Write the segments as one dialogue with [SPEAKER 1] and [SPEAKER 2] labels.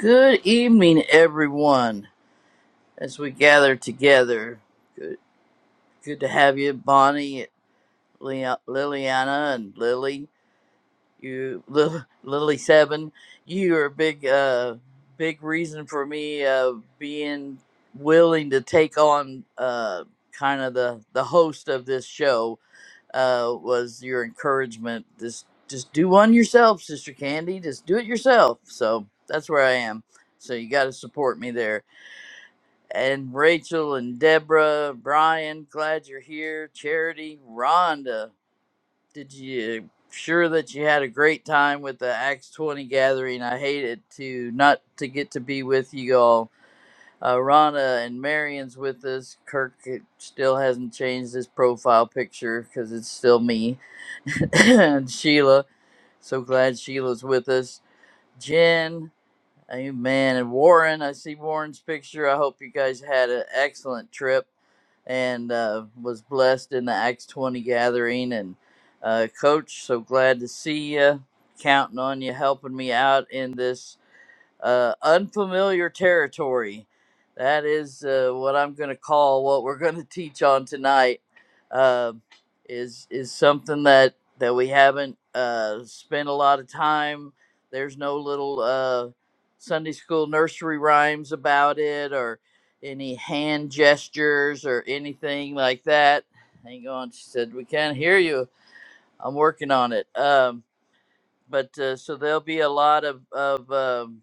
[SPEAKER 1] Good evening, everyone, as we gather together. Good, good to have you, Bonnie, Lea- Liliana, and Lily. You, Lil Lily Seven, you are a big, uh, big reason for me uh, being willing to take on uh, kind of the the host of this show. Uh, was your encouragement? Just, just do one yourself, Sister Candy. Just do it yourself. So that's where I am. So you got to support me there and Rachel and Deborah, Brian, glad you're here. Charity, Rhonda, did you sure that you had a great time with the Acts 20 gathering? I hated to not to get to be with you all. Uh, Rhonda and Marion's with us. Kirk it still hasn't changed his profile picture because it's still me. and Sheila, so glad Sheila's with us. Jen, Amen. And Warren, I see Warren's picture. I hope you guys had an excellent trip and uh, was blessed in the Acts 20 gathering. And uh, Coach, so glad to see you. Counting on you helping me out in this uh, unfamiliar territory. That is uh, what I'm going to call what we're going to teach on tonight. Uh, is is something that that we haven't uh, spent a lot of time. There's no little uh, Sunday school nursery rhymes about it, or any hand gestures, or anything like that. Hang on, she said we can't hear you. I'm working on it. Um, but uh, so there'll be a lot of of um,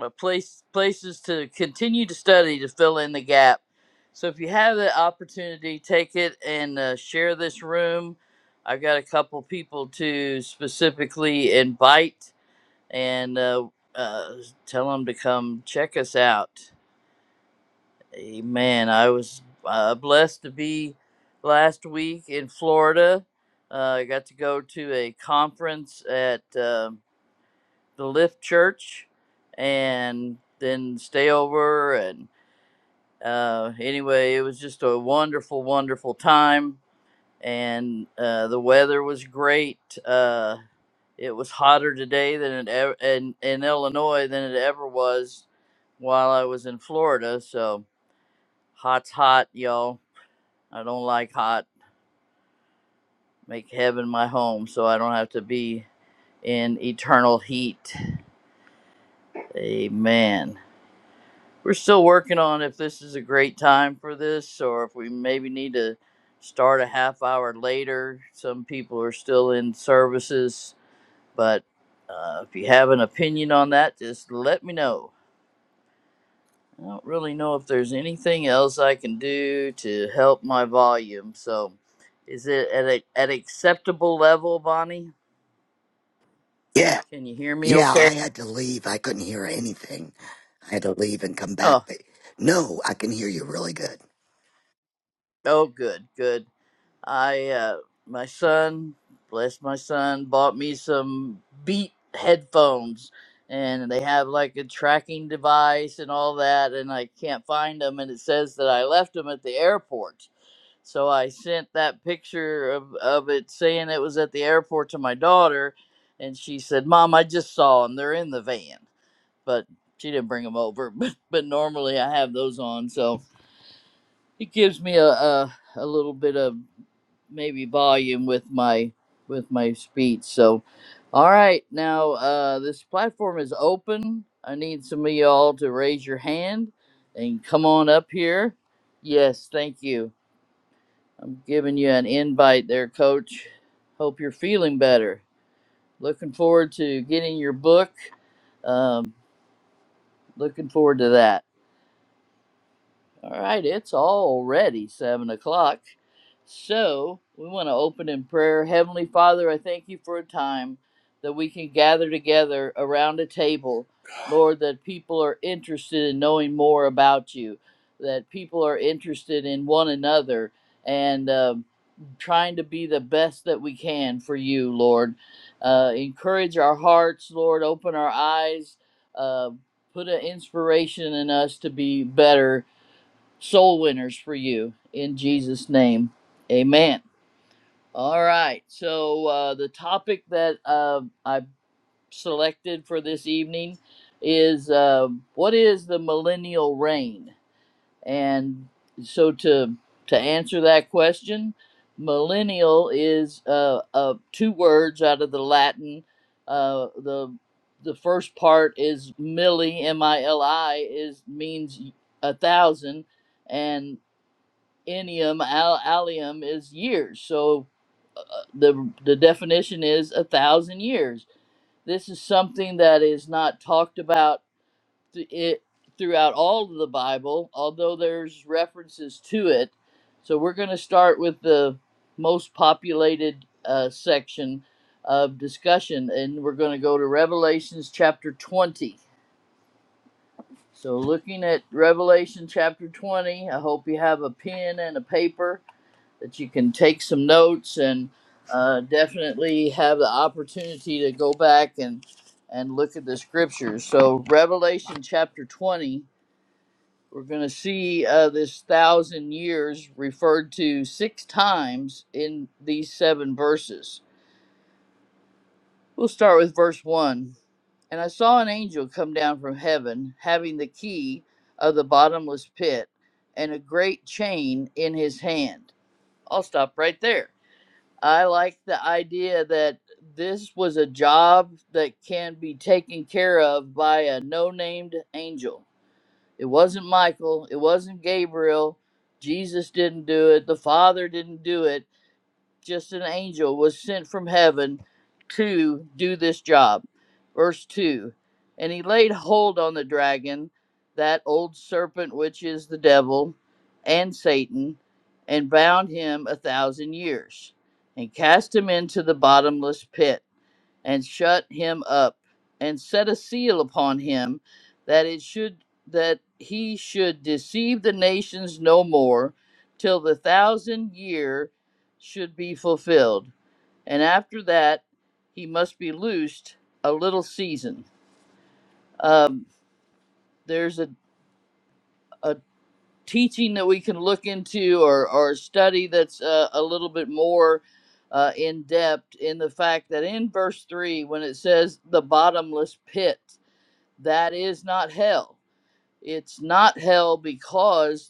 [SPEAKER 1] uh, place places to continue to study to fill in the gap. So if you have the opportunity, take it and uh, share this room. I've got a couple people to specifically invite and uh, uh, tell them to come check us out. Amen. I was uh, blessed to be last week in Florida. Uh, I got to go to a conference at. um the Lift Church, and then stay over. And uh, anyway, it was just a wonderful, wonderful time. And uh, the weather was great. Uh, it was hotter today than it ever in, in Illinois than it ever was while I was in Florida. So hot's hot, y'all. I don't like hot. Make heaven my home so I don't have to be in eternal heat. Amen. We're still working on if this is a great time for this or if we maybe need to start a half hour later. Some people are still in services, but uh, if you have an opinion on that, just let me know. I don't really know if there's anything else I can do to help my volume. So, is it at a, at acceptable level, Bonnie?
[SPEAKER 2] Yeah,
[SPEAKER 1] Can you hear me
[SPEAKER 2] yeah,
[SPEAKER 1] okay?
[SPEAKER 2] I had to leave. I couldn't hear anything. I had to leave and come back,
[SPEAKER 1] Oh,
[SPEAKER 2] but no, I can hear you really good.
[SPEAKER 1] oh, good, good. I uh my son, bless my son, bought me some beat headphones and they have like a tracking device and all that and I can't find them and it says that I left them at the airport. So I sent that picture of, of it saying it was at the airport to my daughter and she said, "Mom, I just saw them. They're in the van." But she didn't bring them over, but, but normally I have those on. So it gives me a, a a little bit of maybe volume with my with my speech. So, all right, now uh, this platform is open. I need some of y'all to raise your hand and come on up here. Yes, thank you. I'm giving you an invite there, Coach. Hope you're feeling better. Looking forward to getting your book. Um, looking forward to that. All right, it's already seven o'clock. So we want to open in prayer. Heavenly Father, I thank you for a time that we can gather together around a table. Lord, that people are interested in knowing more about you, that people are interested in one another and um trying to be the best that we can for you, Lord. Uh, encourage our hearts, Lord. Open our eyes. Uh, put an inspiration in us to be better soul winners for you in Jesus' name. Amen. All right. So, uh, the topic that uh, I selected for this evening is uh, what is the millennial reign? And so, to, to answer that question, millennial is uh, uh, two words out of the Latin. Uh, the the first part is milli, M I L I, is means a thousand, and ennium al allium is years so uh, the the definition is a thousand years this is something that is not talked about th- it throughout all of the bible although there's references to it so we're going to start with the most populated uh, section of discussion and we're going to go to revelations chapter 20 so looking at revelation chapter 20 i hope you have a pen and a paper that you can take some notes and uh, definitely have the opportunity to go back and and look at the scriptures. So Revelation chapter 20, we're going to see uh, this thousand years referred to six times in these seven verses. We'll start with verse one. And I saw an angel come down from heaven, having the key of the bottomless pit and a great chain in his hand. I'll stop right there I like the idea that this was a job that can be taken care of by a no named angel. It wasn't Michael, it wasn't Gabriel. Jesus didn't do it, the Father didn't do it just an angel was sent from heaven to do this job. Verse 2 And he laid hold on the dragon, that old serpent which is the devil and Satan, and bound him a thousand years, and cast him into the bottomless pit and shut him up and set a seal upon him that it should that he should deceive the nations no more till the thousand year should be fulfilled and after that he must be loosed a little season um, there's a, a teaching that we can look into or, or a study that's uh, a little bit more uh, in depth in the fact that in verse 3 when it says the bottomless pit That is not hell. It's not hell because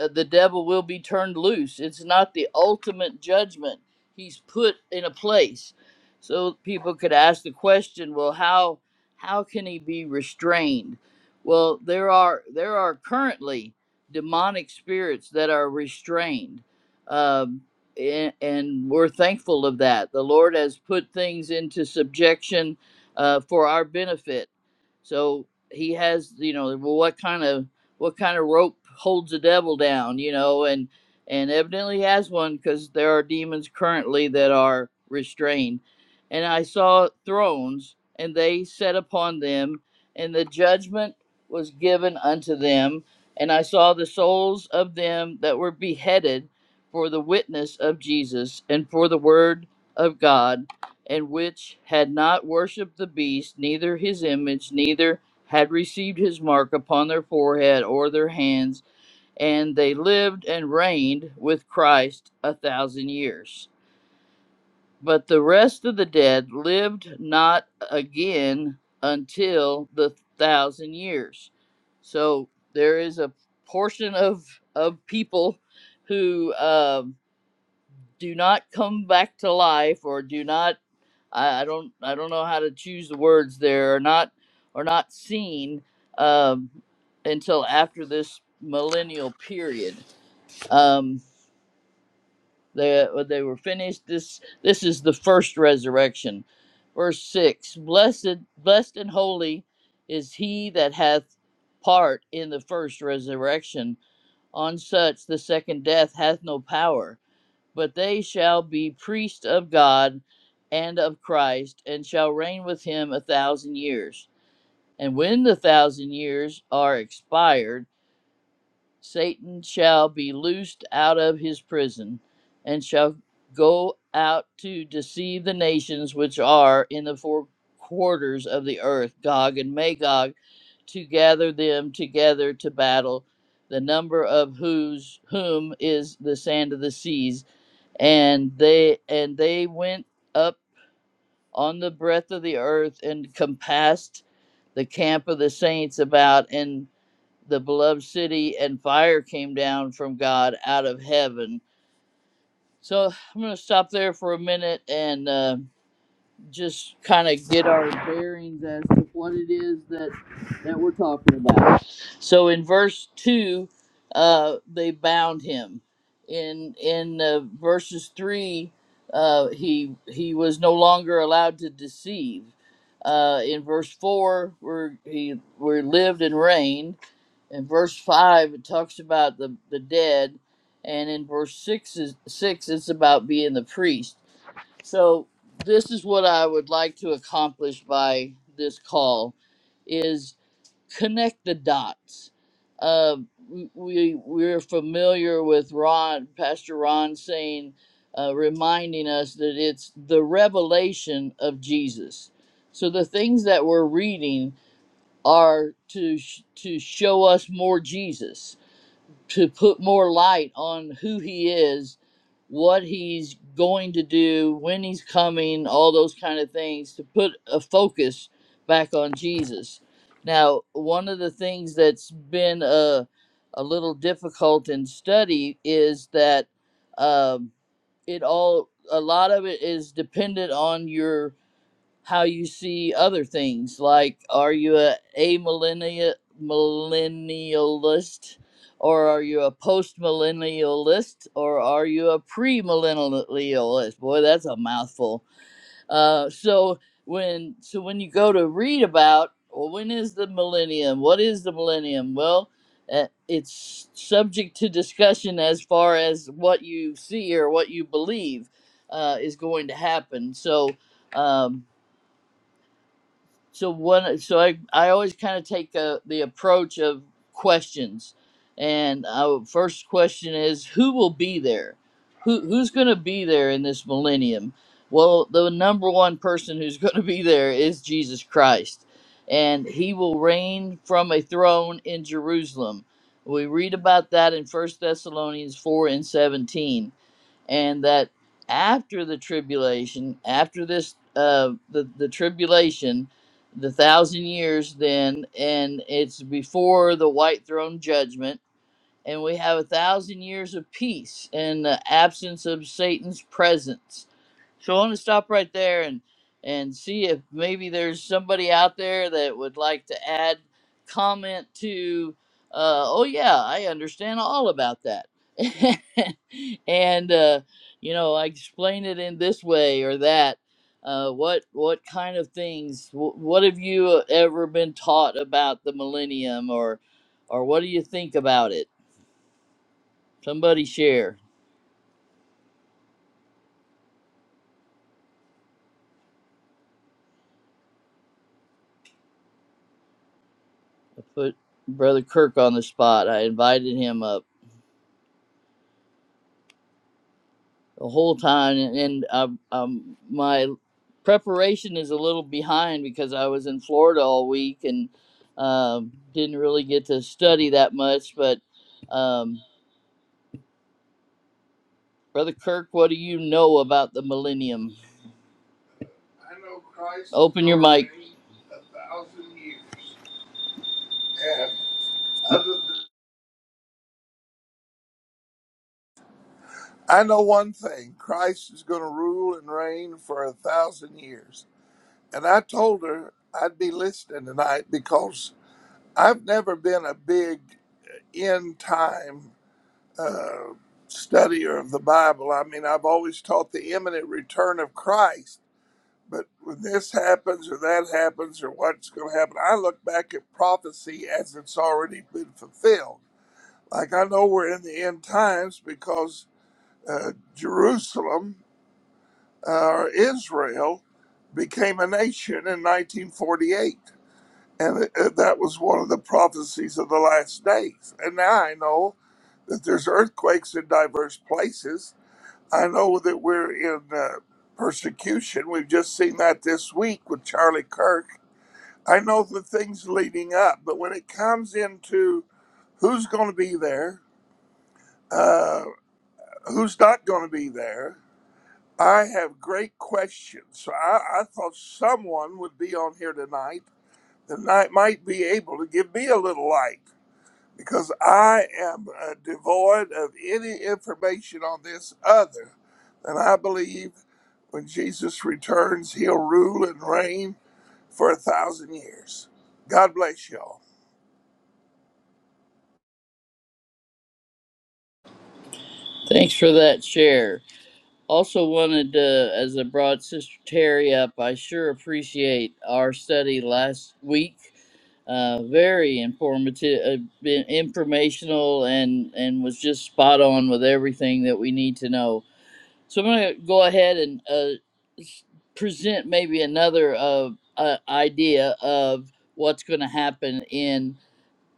[SPEAKER 1] uh, the devil will be turned loose. It's not the ultimate judgment. He's put in a place. So people could ask the question, well, how how can he be restrained? Well, there are there are currently demonic spirits that are restrained. Um, and, and we're thankful of that. The Lord has put things into subjection uh, for our benefit. So he has, you know, well, what kind of what kind of rope holds the devil down, you know, and and evidently he has one because there are demons currently that are restrained. And I saw thrones, and they sat upon them, and the judgment was given unto them. And I saw the souls of them that were beheaded for the witness of Jesus and for the word of God, and which had not worshipped the beast, neither his image, neither had received his mark upon their forehead or their hands, and they lived and reigned with Christ a thousand years. But the rest of the dead lived not again until the thousand years. So there is a portion of of people who uh, do not come back to life or do not I, I don't I don't know how to choose the words there or not or not seen um, until after this millennial period. Um, they uh, they were finished. This this is the first resurrection. Verse six: Blessed blessed and holy is he that hath part in the first resurrection. On such the second death hath no power but they shall be priests of God and of Christ, and shall reign with him a thousand years. And when the thousand years are expired, Satan shall be loosed out of his prison, and shall go out to deceive the nations which are in the four quarters of the earth, Gog and Magog, to gather them together to battle, the number of whose whom is the sand of the seas and they and they went up on the breadth of the earth and compassed the camp of the saints about in the beloved city and fire came down from god out of heaven so i'm going to stop there for a minute and uh, just kind of get our bearings as to what it is that that we're talking about. So in verse two, uh, they bound him. In in uh, verses three, uh, he he was no longer allowed to deceive. Uh, in verse four, where he where he lived and reigned. In verse five, it talks about the the dead, and in verse six is six, it's about being the priest so this is what I would like to accomplish by this call is connect the dots. Uh, we we- are familiar with Ron, Pastor Ron saying, uh, reminding us that it's the revelation of Jesus. So the things that we're reading are to sh- to show us more Jesus to put more light on who he is, what he's going to do, when he's coming, all those kind of things, to put a focus back on Jesus. Now, one of the things that's been a, a little difficult in study is that um, it all, a lot of it is dependent on your how you see other things. Like, are you a, a millennia, millennialist, or are you a post millennialist, or are you a pre millennialist? Boy, that's a mouthful. Uh, so when so when you go to read about well, when is the millennium? What is the millennium? Well. Uh, it's subject to discussion as far as what you see or what you believe uh, is going to happen. So, um, so one so i i always kind of take uh the approach of questions and our first question is who will be there who who's going to be there in this millennium well the number one person who's going to be there is jesus christ and he will reign from a throne in jerusalem we read about that in first thessalonians 4 and 17 and that after the tribulation, after this, uh, the the tribulation, the thousand years, then, and it's before the white throne judgment, and we have a thousand years of peace and the absence of Satan's presence. So I want to stop right there and and see if maybe there's somebody out there that would like to add comment to. Uh, oh yeah, I understand all about that. and uh, you know, I explain it in this way or that. Uh, what what kind of things? wh- What have you uh, ever been taught about the millennium, or or what do you think about it? Somebody share. I put Brother Kirk on the spot. I invited him up. the whole time and um, um, my preparation is a little behind because i was in florida all week and um, didn't really get to study that much but um, brother kirk what do you know about the millennium I know Christ. open your mic
[SPEAKER 3] I know one thing Christ is going to rule and reign for a thousand years. And I told her I'd be listening tonight because I've never been a big uh, end time studier of the Bible. I mean, I've always taught the imminent return of Christ. But when this happens or that happens or what's going to happen, I look back at prophecy as it's already been fulfilled. Like I know we're in the end times because uh, Jerusalem uh, Israel became a nation in 1948. And uh, uh, that was one of the prophecies of the last days. And now I know that there's earthquakes in diverse places. I know that we're in uh, persecution. We've just seen that this week with Charlie Kirk. I know the things leading up, but when it comes into who's going to be there, uh, who's not going to be there, I have great questions. So I, I thought someone would be on here tonight that might might be able to give me a little light because I am uh, devoid of any information on this other than I believe when Jesus returns, he'll rule and reign for a thousand years. God bless y'all.
[SPEAKER 1] thanks for that share Also, wanted to, as I brought Sister Terry up, I sure appreciate our study last week. Uh, very informative, uh, been informational, and and was just spot on with everything that we need to know. So I'm going to go ahead and uh, s- present maybe another uh, uh, idea of what's going to happen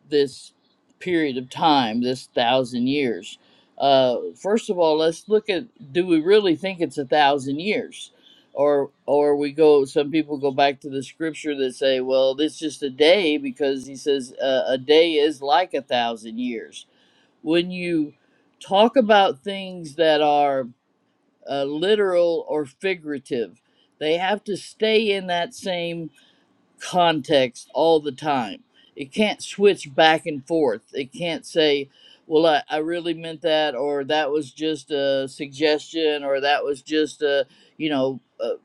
[SPEAKER 1] this period of time, this thousand years. Uh, first of all, let's look at do we really think it's a thousand years? Or, or we go. Some people go back to the scripture that say, "Well, this is just a day," because he says uh, a day is like a thousand years. When you talk about things that are uh, literal or figurative, they have to stay in that same context all the time. It can't switch back and forth. It can't say, well, I, I really meant that, or that was just a suggestion, or that was just a, you know, uh,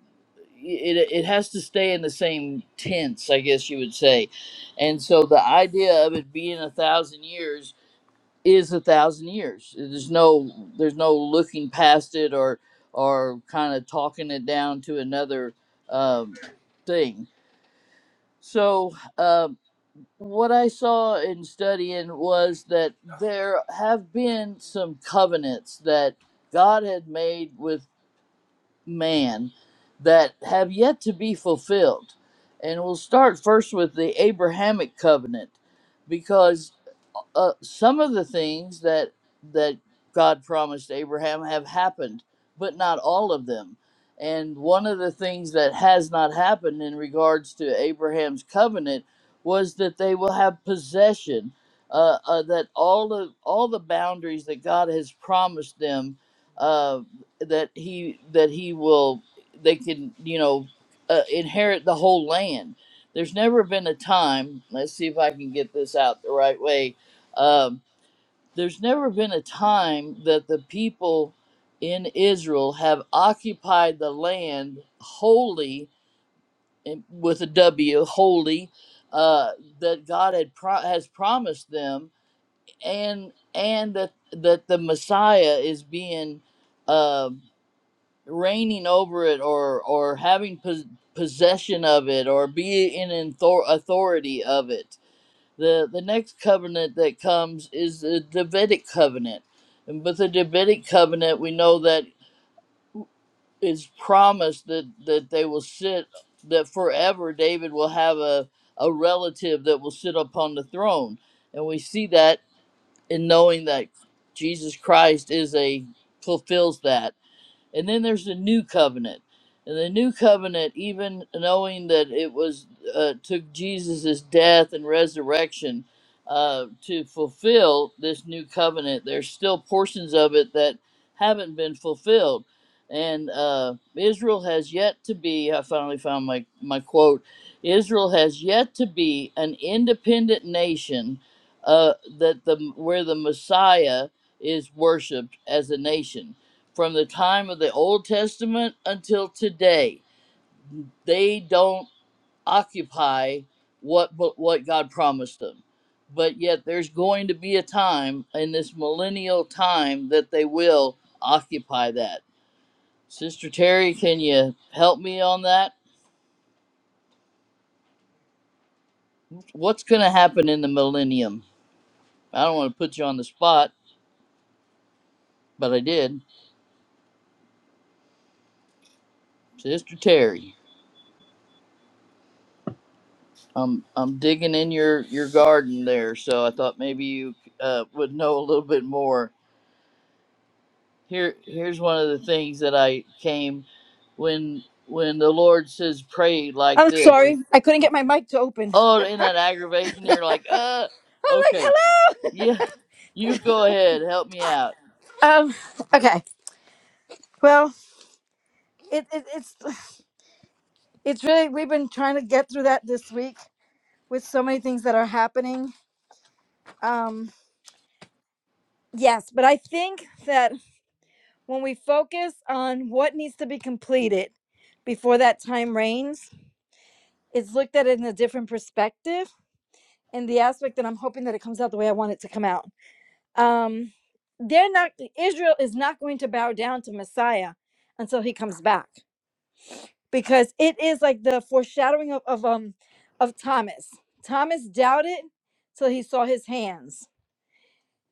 [SPEAKER 1] it, it has to stay in the same tense, I guess you would say. And so the idea of it being a thousand years is a thousand years. There's no, there's no looking past it or, or kind of talking it down to another um, thing. So, um, what I saw in studying was that there have been some covenants that God had made with man that have yet to be fulfilled. And we'll start first with the Abrahamic covenant uh, some of the things that that God promised Abraham have happened, but not all of them. And one of the things that has not happened in regards to Abraham's covenant was that they will have possession. Uh, uh, that all the all the boundaries that God has promised them, uh, that he that he will they can you know uh, inherit the whole land. There's never been a time. Let's see if I can get this out the right way um, there's never been a time that the people in Israel have occupied the land wholly, and- with a W, wholly, uh, that God had pro- has promised them, and and that that the Messiah is being uh, reigning over it, or or having pos- possession of it, or be in author- authority of it the the next covenant that comes is the Davidic covenant. And with the Davidic covenant we know that it's promised that, that they will sit that forever David will have a, a relative that will sit upon the throne. And we see that in knowing that Jesus Christ is a fulfills that. And then there's the new covenant. And the new covenant, even knowing that it was uh, took Jesus' death and resurrection uh, to fulfill this new covenant, there's still portions of it that haven't been fulfilled. And uh, Israel has yet to be, I finally found my, my quote Israel has yet to be an independent nation uh, that the, where the Messiah is worshiped as a nation from the time of the Old Testament until today. They don't occupy what what God promised them. But yet there's going to be a time in this millennial time that they will occupy that. Sister Terry, can you help me on that? What's going to happen in the millennium? I don't want to put you on the spot, but I did. Sister Terry, I'm I'm digging in your your garden there, so I thought maybe you uh, would know a little bit more Here, here's one of the things that I came when when the Lord says pray like
[SPEAKER 4] I'm
[SPEAKER 1] this. It's,
[SPEAKER 4] sorry, I couldn't get my mic to open.
[SPEAKER 1] oh, isn't that aggravating? You're like, uh,
[SPEAKER 4] I'm like,
[SPEAKER 1] okay,
[SPEAKER 4] hello.
[SPEAKER 1] yeah, you go ahead, help me out.
[SPEAKER 4] Um. Okay. Well, it, it it's it's really we've been trying to get through that this week with so many things that are happening. Um. Yes, but I think that when we focus on what needs to be completed before that time reigns, it's looked at it in a different perspective. And the aspect that I'm hoping that it comes out the way I want it to come out. Um. They're not. Israel is not going to bow down to Messiah until he comes back. because it is like the foreshadowing of, of um of Thomas. Thomas doubted till he saw his hands.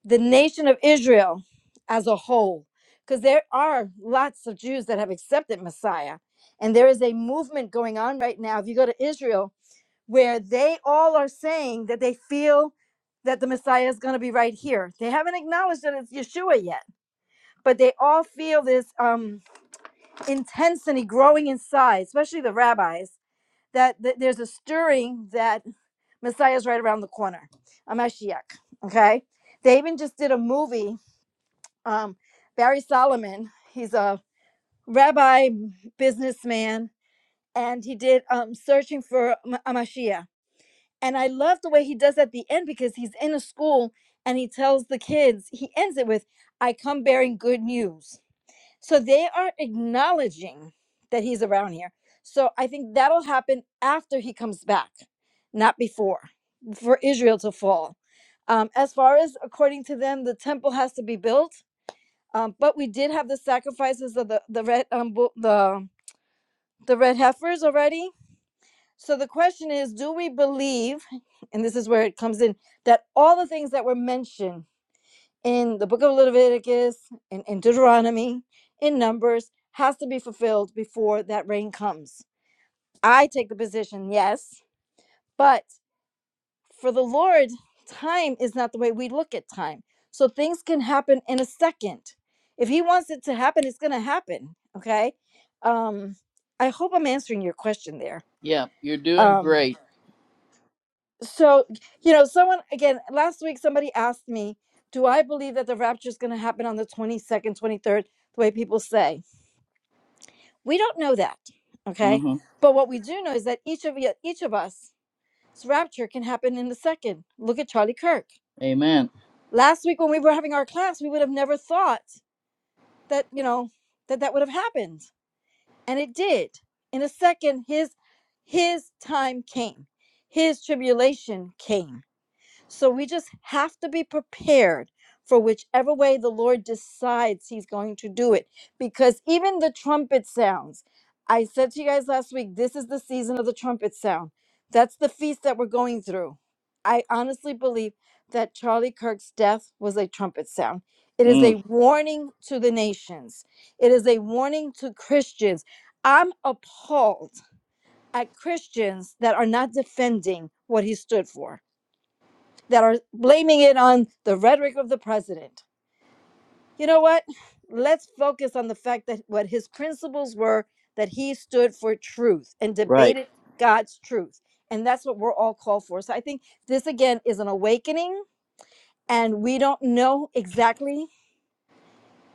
[SPEAKER 4] The nation of Israel as a whole, because there are lots of Jews that have accepted Messiah, and there is a movement going on right now. If you go to Israel, where they all are saying that they feel that the Messiah is going to be right here. They haven't acknowledged that it's Yeshua yet, but they all feel this um, intensity growing inside, especially the rabbis that, that there's a stirring that Messiah's right around the corner, a Mashiach. Okay, they even just did a movie. Um, Barry Solomon, he's a rabbi businessman, and he did um, searching for Ma- a Mashiach. And I love the way he does at the end because he's in a school and he tells the kids. He ends it with, "I come bearing good news." So they are acknowledging that he's around here. So I think that'll happen after he comes back, not before, for Israel to fall. Um, as far as according to them, the temple has to be built, um, but we did have the sacrifices of the the red um, bull- the the red heifers already. So the question is, do we believe? And this is where it comes in that all the things that were mentioned in the book of Leviticus and in Deuteronomy, in Numbers, has to be fulfilled before that rain comes. I take the position, yes, but for the Lord, time is not the way we look at time. So things can happen in a second. If He wants it to happen, it's going to happen. Okay. Um, I hope I'm answering your question there.
[SPEAKER 1] Yeah, you're doing
[SPEAKER 4] Um,
[SPEAKER 1] great.
[SPEAKER 4] so you know someone again last week somebody asked me do i believe that the rapture is going to happen on the 22nd 23rd the way people say we don't know that okay
[SPEAKER 1] hmm
[SPEAKER 4] but what we do know is that each of y- each of us rapture can happen in the second look at charlie kirk
[SPEAKER 1] Amen.
[SPEAKER 4] last week when we were having our class we would have never thought that you know that that would have happened and it did in a second his his time came his tribulation came So we just have to be prepared for whichever way the Lord decides He's going to do it. Because even the trumpet sounds, I said to you guys last week, this is the season of the trumpet sound. That's the feast that we're going through. I honestly believe that Charlie Kirk's death was a trumpet sound. It is
[SPEAKER 1] Mm,
[SPEAKER 4] a warning to the nations, it is a warning to Christians. I'm appalled at Christians that are not defending what he stood for that are blaming it on the rhetoric of the president. You know what? Let's focus on the fact that what his principles were that he stood for truth and
[SPEAKER 1] right.
[SPEAKER 4] debated God's truth. And that's what we're all called for. So I think this again is an awakening, and we don't know exactly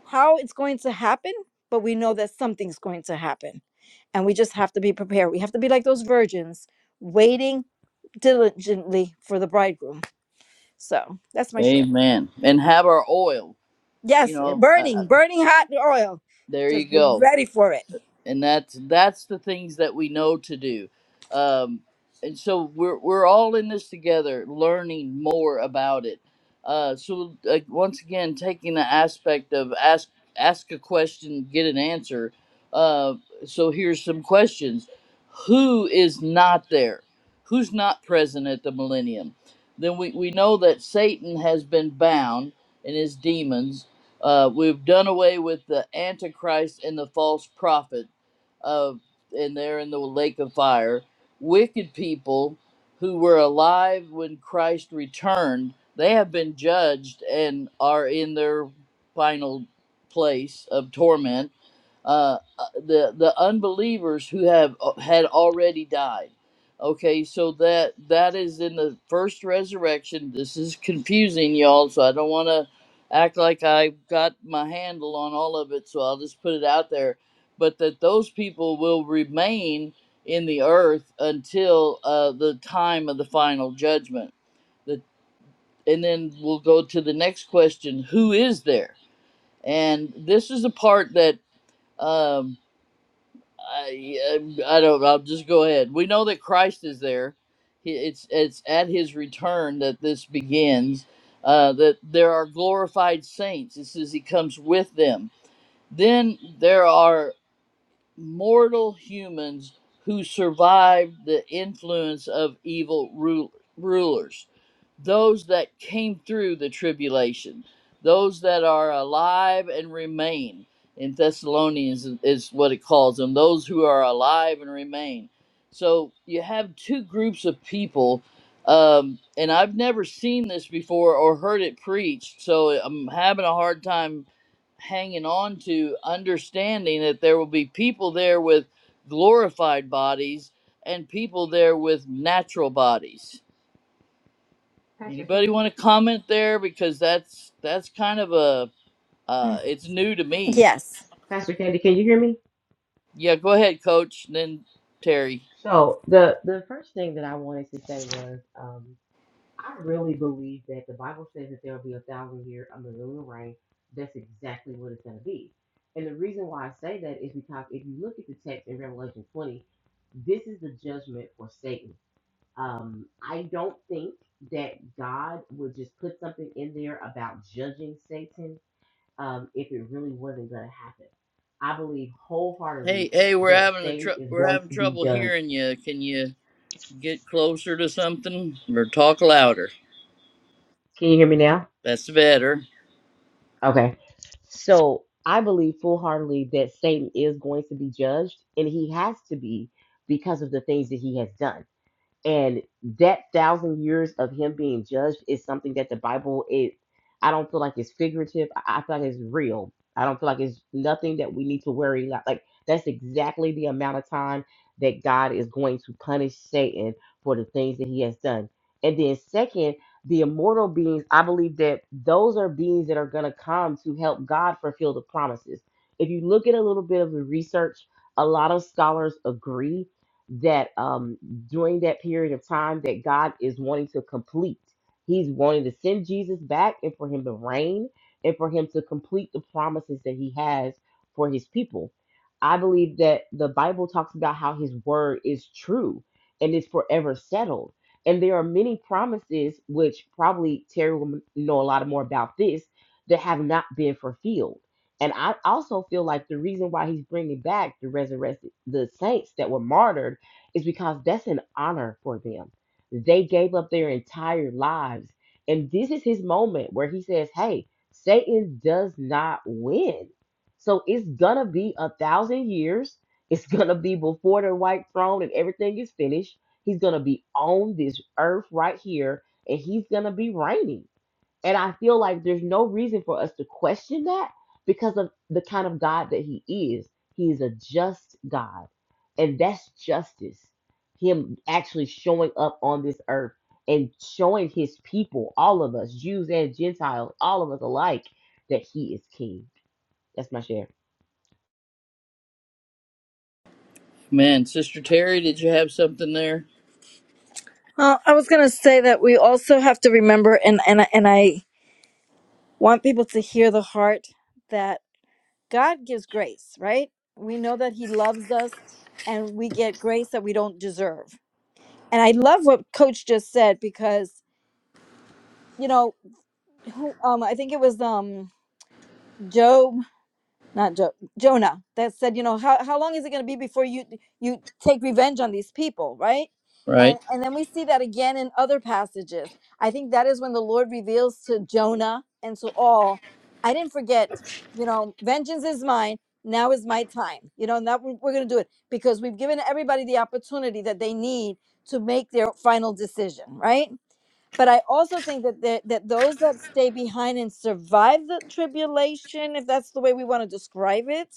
[SPEAKER 4] how it's going to happen, but we know that something's going to happen. And we just have to be prepared. We have to be like those virgins waiting diligently for the bridegroom. So that's my share.
[SPEAKER 1] Amen. And have our oil. You
[SPEAKER 4] Yes,
[SPEAKER 1] know, uh, uh,
[SPEAKER 4] burning, burning hot oil.
[SPEAKER 1] there
[SPEAKER 4] Just
[SPEAKER 1] you
[SPEAKER 4] be
[SPEAKER 1] go.
[SPEAKER 4] ready for it.
[SPEAKER 1] and that's that's the things that we know to do um, and so we're we're all in this together learning more about it uh, so uh, once again taking the aspect of ask ask a question get an answer uh, so here's some questions who is not there who's not present at the millennium then we, we know that satan has been bound and his demons uh, we've done away with the antichrist and the false prophet uh, and they're in the lake of fire. Wicked people who were alive when Christ returned, they have been judged and are in their final place of torment uh, uh, the the unbelievers who have uh, had already died. Okay, so that that is in the first resurrection. This is confusing, y'all. So I don't want to act like I got my handle on all of it. So I'll just put it out there. But that those people will remain in the earth until uh, the time of the final judgment. The, and then we'll go to the next question: Who is there? And this is the part that. Um, I, I don't know. Just go ahead. We know that Christ is there. He- It's it's at His return that this begins. Uh, that there are glorified saints. It says He comes with them. Then there are mortal humans who survived the influence of evil ru- rulers those that came through the tribulation, those that are alive and remain. In Thessalonians is is what it calls them, those who are alive and remain. So you have two groups of people, um, and I've never seen this before or heard it preached, so I'm having a hard time hanging on to understanding that there will be people there with glorified bodies and people there with natural bodies
[SPEAKER 5] Pastor
[SPEAKER 1] Anybody
[SPEAKER 5] Candy.
[SPEAKER 1] want to comment there because that's that's kind of a uh, it's new to me.
[SPEAKER 4] Yes.
[SPEAKER 5] Pastor Candy, can you hear me?
[SPEAKER 1] Yeah, go ahead, Coach. and Then Terry.
[SPEAKER 5] So the the first thing that I wanted to say was, um, I really believe that the Bible says that there will be a thousand year of millennial reign. That's exactly what it's going to be. And the reason why I say that is because if you look at the text in Revelation 20, this is the judgment for Satan. Um, I don't think that God would just put something in there about judging Satan um, if it really wasn't going to happen. I believe wholeheartedly
[SPEAKER 1] Hey, hey, we're
[SPEAKER 5] that
[SPEAKER 1] having a
[SPEAKER 5] Satan
[SPEAKER 1] tr-
[SPEAKER 5] is
[SPEAKER 1] we're
[SPEAKER 5] going
[SPEAKER 1] having
[SPEAKER 5] to be
[SPEAKER 1] trouble
[SPEAKER 5] judged.
[SPEAKER 1] hearing you. Can you get closer to something or talk louder?
[SPEAKER 5] Can you hear me now?
[SPEAKER 1] That's better.
[SPEAKER 5] Okay. So I believe full heartedly that Satan is going to be judged, and he has to be because of the things that he has done. and that thousand years of him being judged is something that the bible is. i don't feel like it's figurative i, I feel like it's real i don't feel like it's nothing that we need to worry about like that's exactly the amount of time that god is going to punish satan for the things that he has done and then second the immortal beings i believe that those are beings that are going to come to help god fulfill the promises if you look at a little bit of the research a lot of scholars agree that um during that period of time that God is wanting to complete. He's wanting to send Jesus back and for him to reign and for him to complete the promises that he has for his people. I believe that the Bible talks about how his word is true and is forever settled. And there are many promises, which probably Terry will know a lot more about this, that have not been fulfilled. And I also feel like the reason why he's bringing back the resurrected, the saints that were martyred is because that's an honor for them. They gave up their entire lives. And this is his moment where he says, Hey, Satan does not win. So it's gonna be a thousand years. It's gonna be before the white throne and everything is finished. He's gonna be on this earth right here and he's gonna be reigning. And I feel like there's no reason for us to question that because of the kind of God that He is. He is a just God. And that's justice. Him actually showing up on this earth and showing His people, all of us, Jews and Gentiles, all of us alike, that He is King. That's my share.
[SPEAKER 1] Man, Sister Terry, did you have something there?
[SPEAKER 4] Uh, I was gonna say that we also have to remember, and and I- and I want people to hear the heart that God gives grace. Right? We know that He loves us, and we get grace that we don't deserve. And I love what Coach just said because you know who um I think it was um Joe not jo- Jonah that said, you know, how, how long is it going to be before you you take revenge on these people, right? And
[SPEAKER 1] Right.
[SPEAKER 4] and then we see that again in other passages. I think that is when the Lord reveals to Jonah and to all, I didn't forget, you know, vengeance is mine. Now is my time. You know, and that we're, we're going to do it because we've given everybody the opportunity that they need to make their final decision, right? but I also think that the, that those that stay behind and survive the tribulation, if that's the way we want to describe it,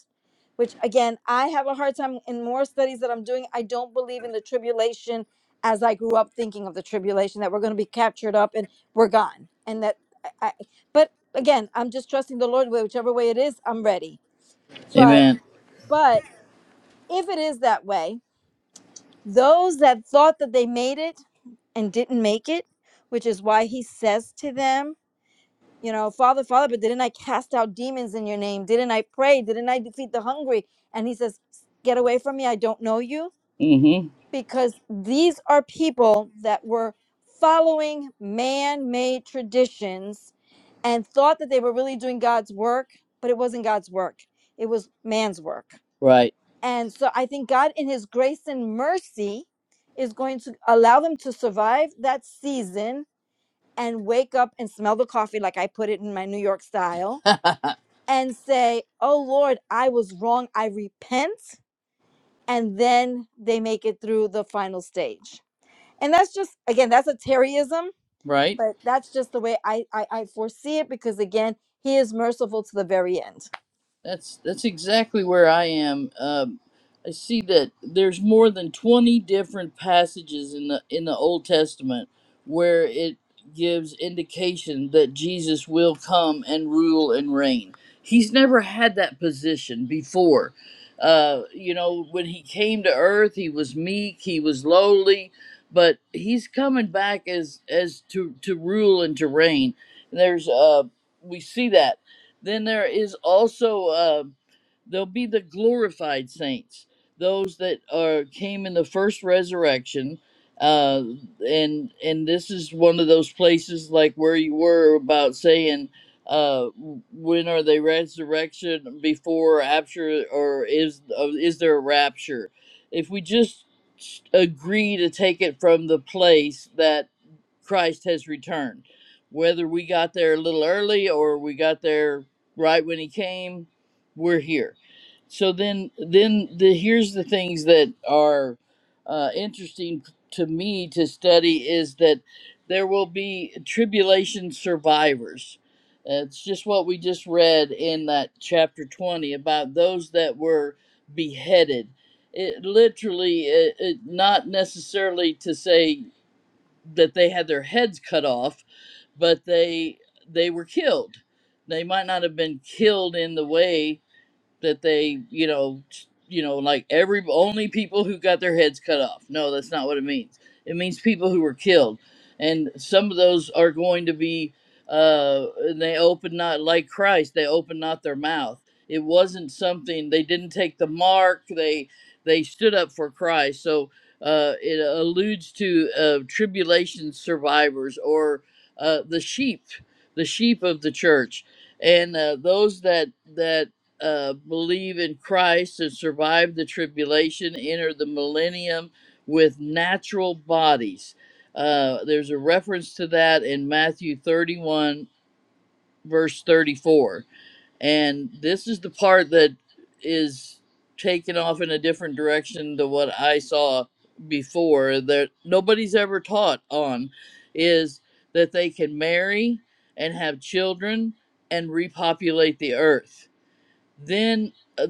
[SPEAKER 4] which again I have a hard time in more studies that I'm doing. I don't believe in the tribulation as I grew up thinking of the tribulation that we're going to be captured up and we're gone, and that. I, I, but again, I'm just trusting the Lord. Whichever way it is, I'm ready. But
[SPEAKER 1] Amen.
[SPEAKER 4] but if it is that way, those that thought that they made it and didn't make it, which is why He says to them you know, Father, Father, but didn't I cast out demons in your name? Didn't I pray? Didn't I defeat the hungry? And he says, Get away from me. I don't know you.
[SPEAKER 1] Mm-hmm.
[SPEAKER 4] Because these are people that were following man made traditions and thought that they were really doing God's work, but it wasn't God's work, it was man's work.
[SPEAKER 1] Right.
[SPEAKER 4] And so I think God, in his grace and mercy, is going to allow them to survive that season and wake up and smell the coffee, like I put it in my New York style and say, Oh Lord, I was wrong. I repent. And then they make it through the final stage. And that's just, again, that's a Terryism,
[SPEAKER 1] Right.
[SPEAKER 4] but that's just the way I, I, I foresee it because, again, he is merciful to the very end.
[SPEAKER 1] That's that's exactly where I am. Um, I see that there's more than 20 different passages in the in the Old Testament where it gives indication that Jesus will come and rule and reign. He's never had that position before. Uh, you know, when he came to earth, he was meek, he was lowly, but he's coming back as as to to rule and to reign. There's uh we see that then there is also uh, there'll be the glorified saints, those that are came in the first resurrection, uh, and and this is one of those places like where you were about saying uh when are they resurrection before or after or is uh, is there a rapture if we just agree to take it from the place that Christ has returned. Whether we got there a little early or we got there right when he came, we're here. So then, then the here's the things that are uh, interesting to me to study is that there will be tribulation survivors. Uh, It's just what we just read in that chapter 20 about those that were beheaded. It literally, it, it, not necessarily to say that they had their heads cut off, but they they were killed. They might not have been killed in the way that they, you know, t- you know, like every only people who got their heads cut off. No, that's not what it means. It means people who were killed, and some of those are going to be. Uh, and they open not like Christ. They open not their mouth. It wasn't something they didn't take the mark. They they stood up for Christ. So uh, it alludes to uh, tribulation survivors or uh, the sheep, the sheep of the church, and uh, those that that uh, believe in Christ and survive the tribulation, enter the millennium with natural bodies. Uh, there's a reference to that in Matthew 31, verse 34. And this is the part that is taken off in a different direction to what I saw before that nobody's ever taught on is that they can marry and have children and repopulate the earth then, uh,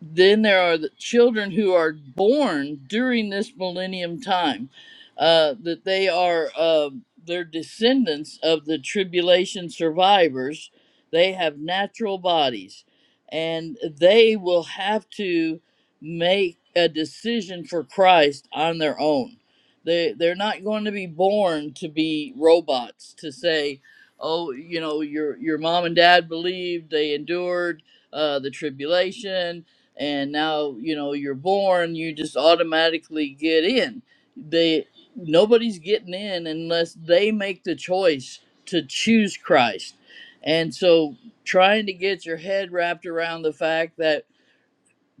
[SPEAKER 1] then there are the children who are born during this millennium time, uh, that they are uh, they descendants of the tribulation survivors. They have natural bodies, and they will have to make a decision for Christ on their own. They they're not going to be born to be robots to say, oh, you know, your your mom and dad believed, they endured uh, the tribulation, and now you know you're born. You just automatically get in. They nobody's getting in unless they make the choice to choose Christ, and so trying to get your head wrapped around the fact that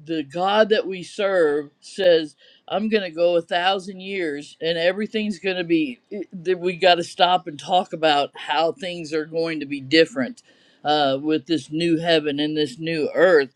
[SPEAKER 1] the God that we serve says, I'm going to go a thousand years and everything's going to be, it- that we got to stop and talk about how things are going to be different uh, with this new heaven and this new earth.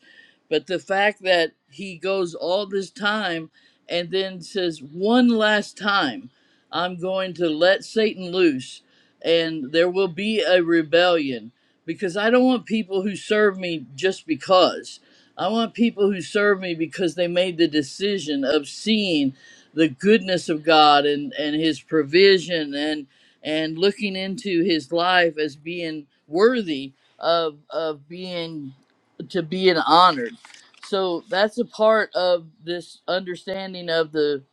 [SPEAKER 1] But the fact that he goes all this time and then says, one last time, I'm going to let Satan loose and there will be a rebellion because I don't want people who serve me just because. I want people who serve me because they made the decision of seeing the goodness of God and, and his provision and and looking into his life as being worthy of of being to being honored. So that's a part of this understanding of the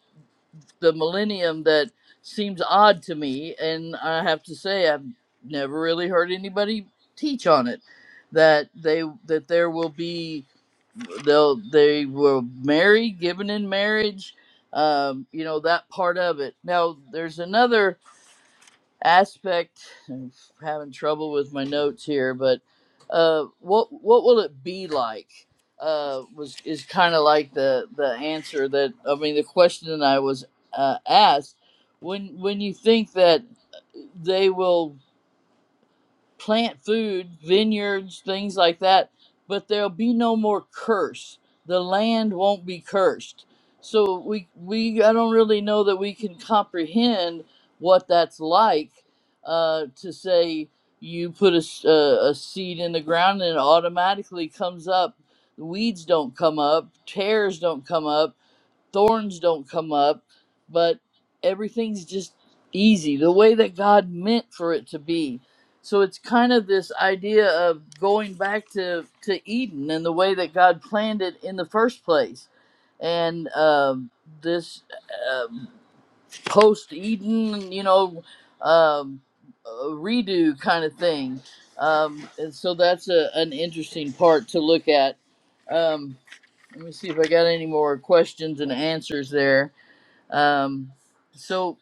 [SPEAKER 1] the millennium that seems odd to me and I have to say I've never really heard anybody teach on it that they that there will be they'll they will marry given in marriage um you know that part of it now there's another aspect I'm having trouble with my notes here but uh what what will it be like uh was is kind of like the the answer that i mean the question that i was uh, asked when when you think that they will plant food, vineyards, things like that, but there'll be no more curse. The land won't be cursed. So we we I don't really know that we can comprehend what that's like uh, to say you put a, s- a- a seed in the ground and it automatically comes up. Weeds don't come up, tears don't come up thorns don't come up, but everything's just easy, the way that God meant for it to be. So it's kind of this idea of going back to, to Eden and the way that God planned it in the first place. And um, this um post Eden, you know, um, uh, redo kind of thing. Um, and so that's a, an interesting part to look at. Um, let me see if I got any more questions and answers there. Um, so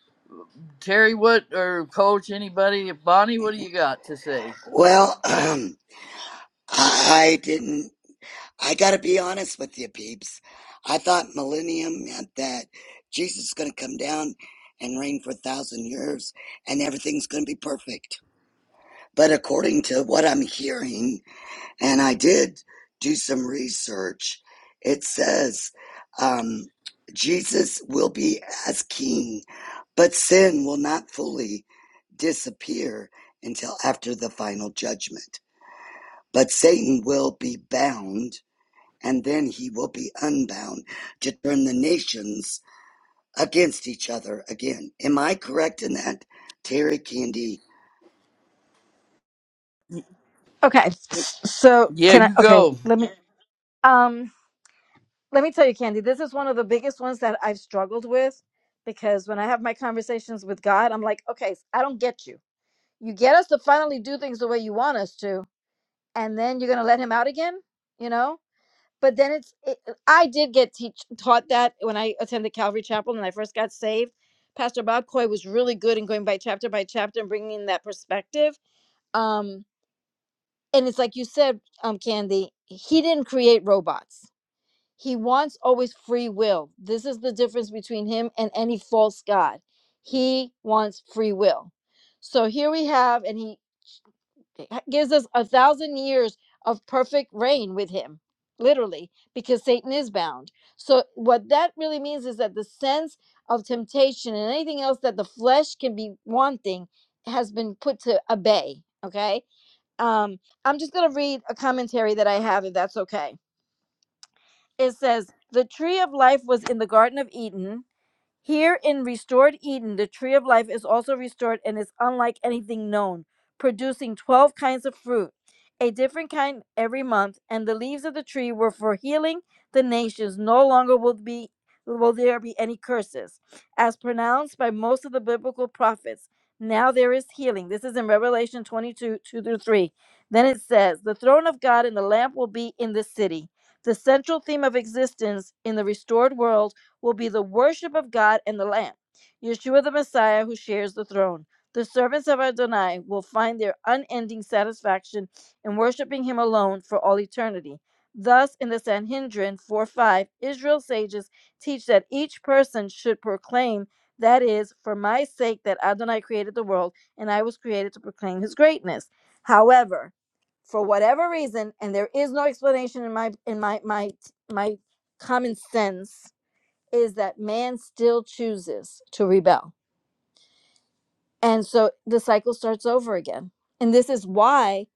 [SPEAKER 1] Terry, what or Coach, anybody, Bonnie, what do you got to say?
[SPEAKER 2] Well, um, I didn't. I gotta be honest with you, peeps. I thought millennium meant that Jesus is gonna come down and reign for a thousand years and everything's gonna be perfect. But according to what I'm hearing, And I did do some research. It says um, Jesus will be as king, but sin will not fully disappear until after the final judgment. But Satan will be bound, and then he will be unbound to turn the nations against each other again. Am I correct in that, Terry Candy?
[SPEAKER 1] Y-
[SPEAKER 4] Okay. So,
[SPEAKER 1] Yeah,
[SPEAKER 4] can I?
[SPEAKER 1] you
[SPEAKER 4] Okay.
[SPEAKER 1] go.
[SPEAKER 4] Let me. Um, let me tell you, Candy, this is one of the biggest ones that I've struggled with because when I have my conversations with God, I'm like, okay, I don't get you. You get us to finally do things the way you want us to, and then you're gonna let him out again, you know? But then it's, it, I did get teach, taught that when I attended Calvary Chapel and I first got saved. Pastor Bob Coy was really good in going by chapter by chapter and bringing in that perspective. Um, and it's like you said, um, Candy, he didn't create robots he wants always free will. This is the difference between him and any false god. He wants free will. So here we have, and he gives us a thousand years of perfect reign with him, literally, because Satan is bound. So what that really means is that the sense of temptation and anything else that the flesh can be wanting has been put to a bay. Okay. Um, I'm just gonna read a commentary that I have, if that's okay. It says, The tree of life was in the Garden of Eden here in restored Eden, the tree of life is also restored and is unlike anything known, producing 12 kinds of fruit, a different kind every month, and the leaves of the tree were for healing the nations. No longer will be will there be any curses as pronounced by most of the biblical prophets. Now there is healing. This is in Revelation 22 2 through 3. Then it says, The throne of God and the lamp will be in the city. The central theme of existence in the restored world will be the worship of God and the Lamb. Yeshua the Messiah who shares the throne. The servants of Adonai will find their unending satisfaction in worshiping him alone for all eternity. Thus, in the Sanhedrin 4 5, Israel's sages teach that each person should proclaim, that is, for my sake, that Adonai created the world and I was created to proclaim his greatness. However, for whatever reason, and there is no explanation in my in my my my common sense, is that man still chooses to rebel. And so the cycle starts over again. And this is why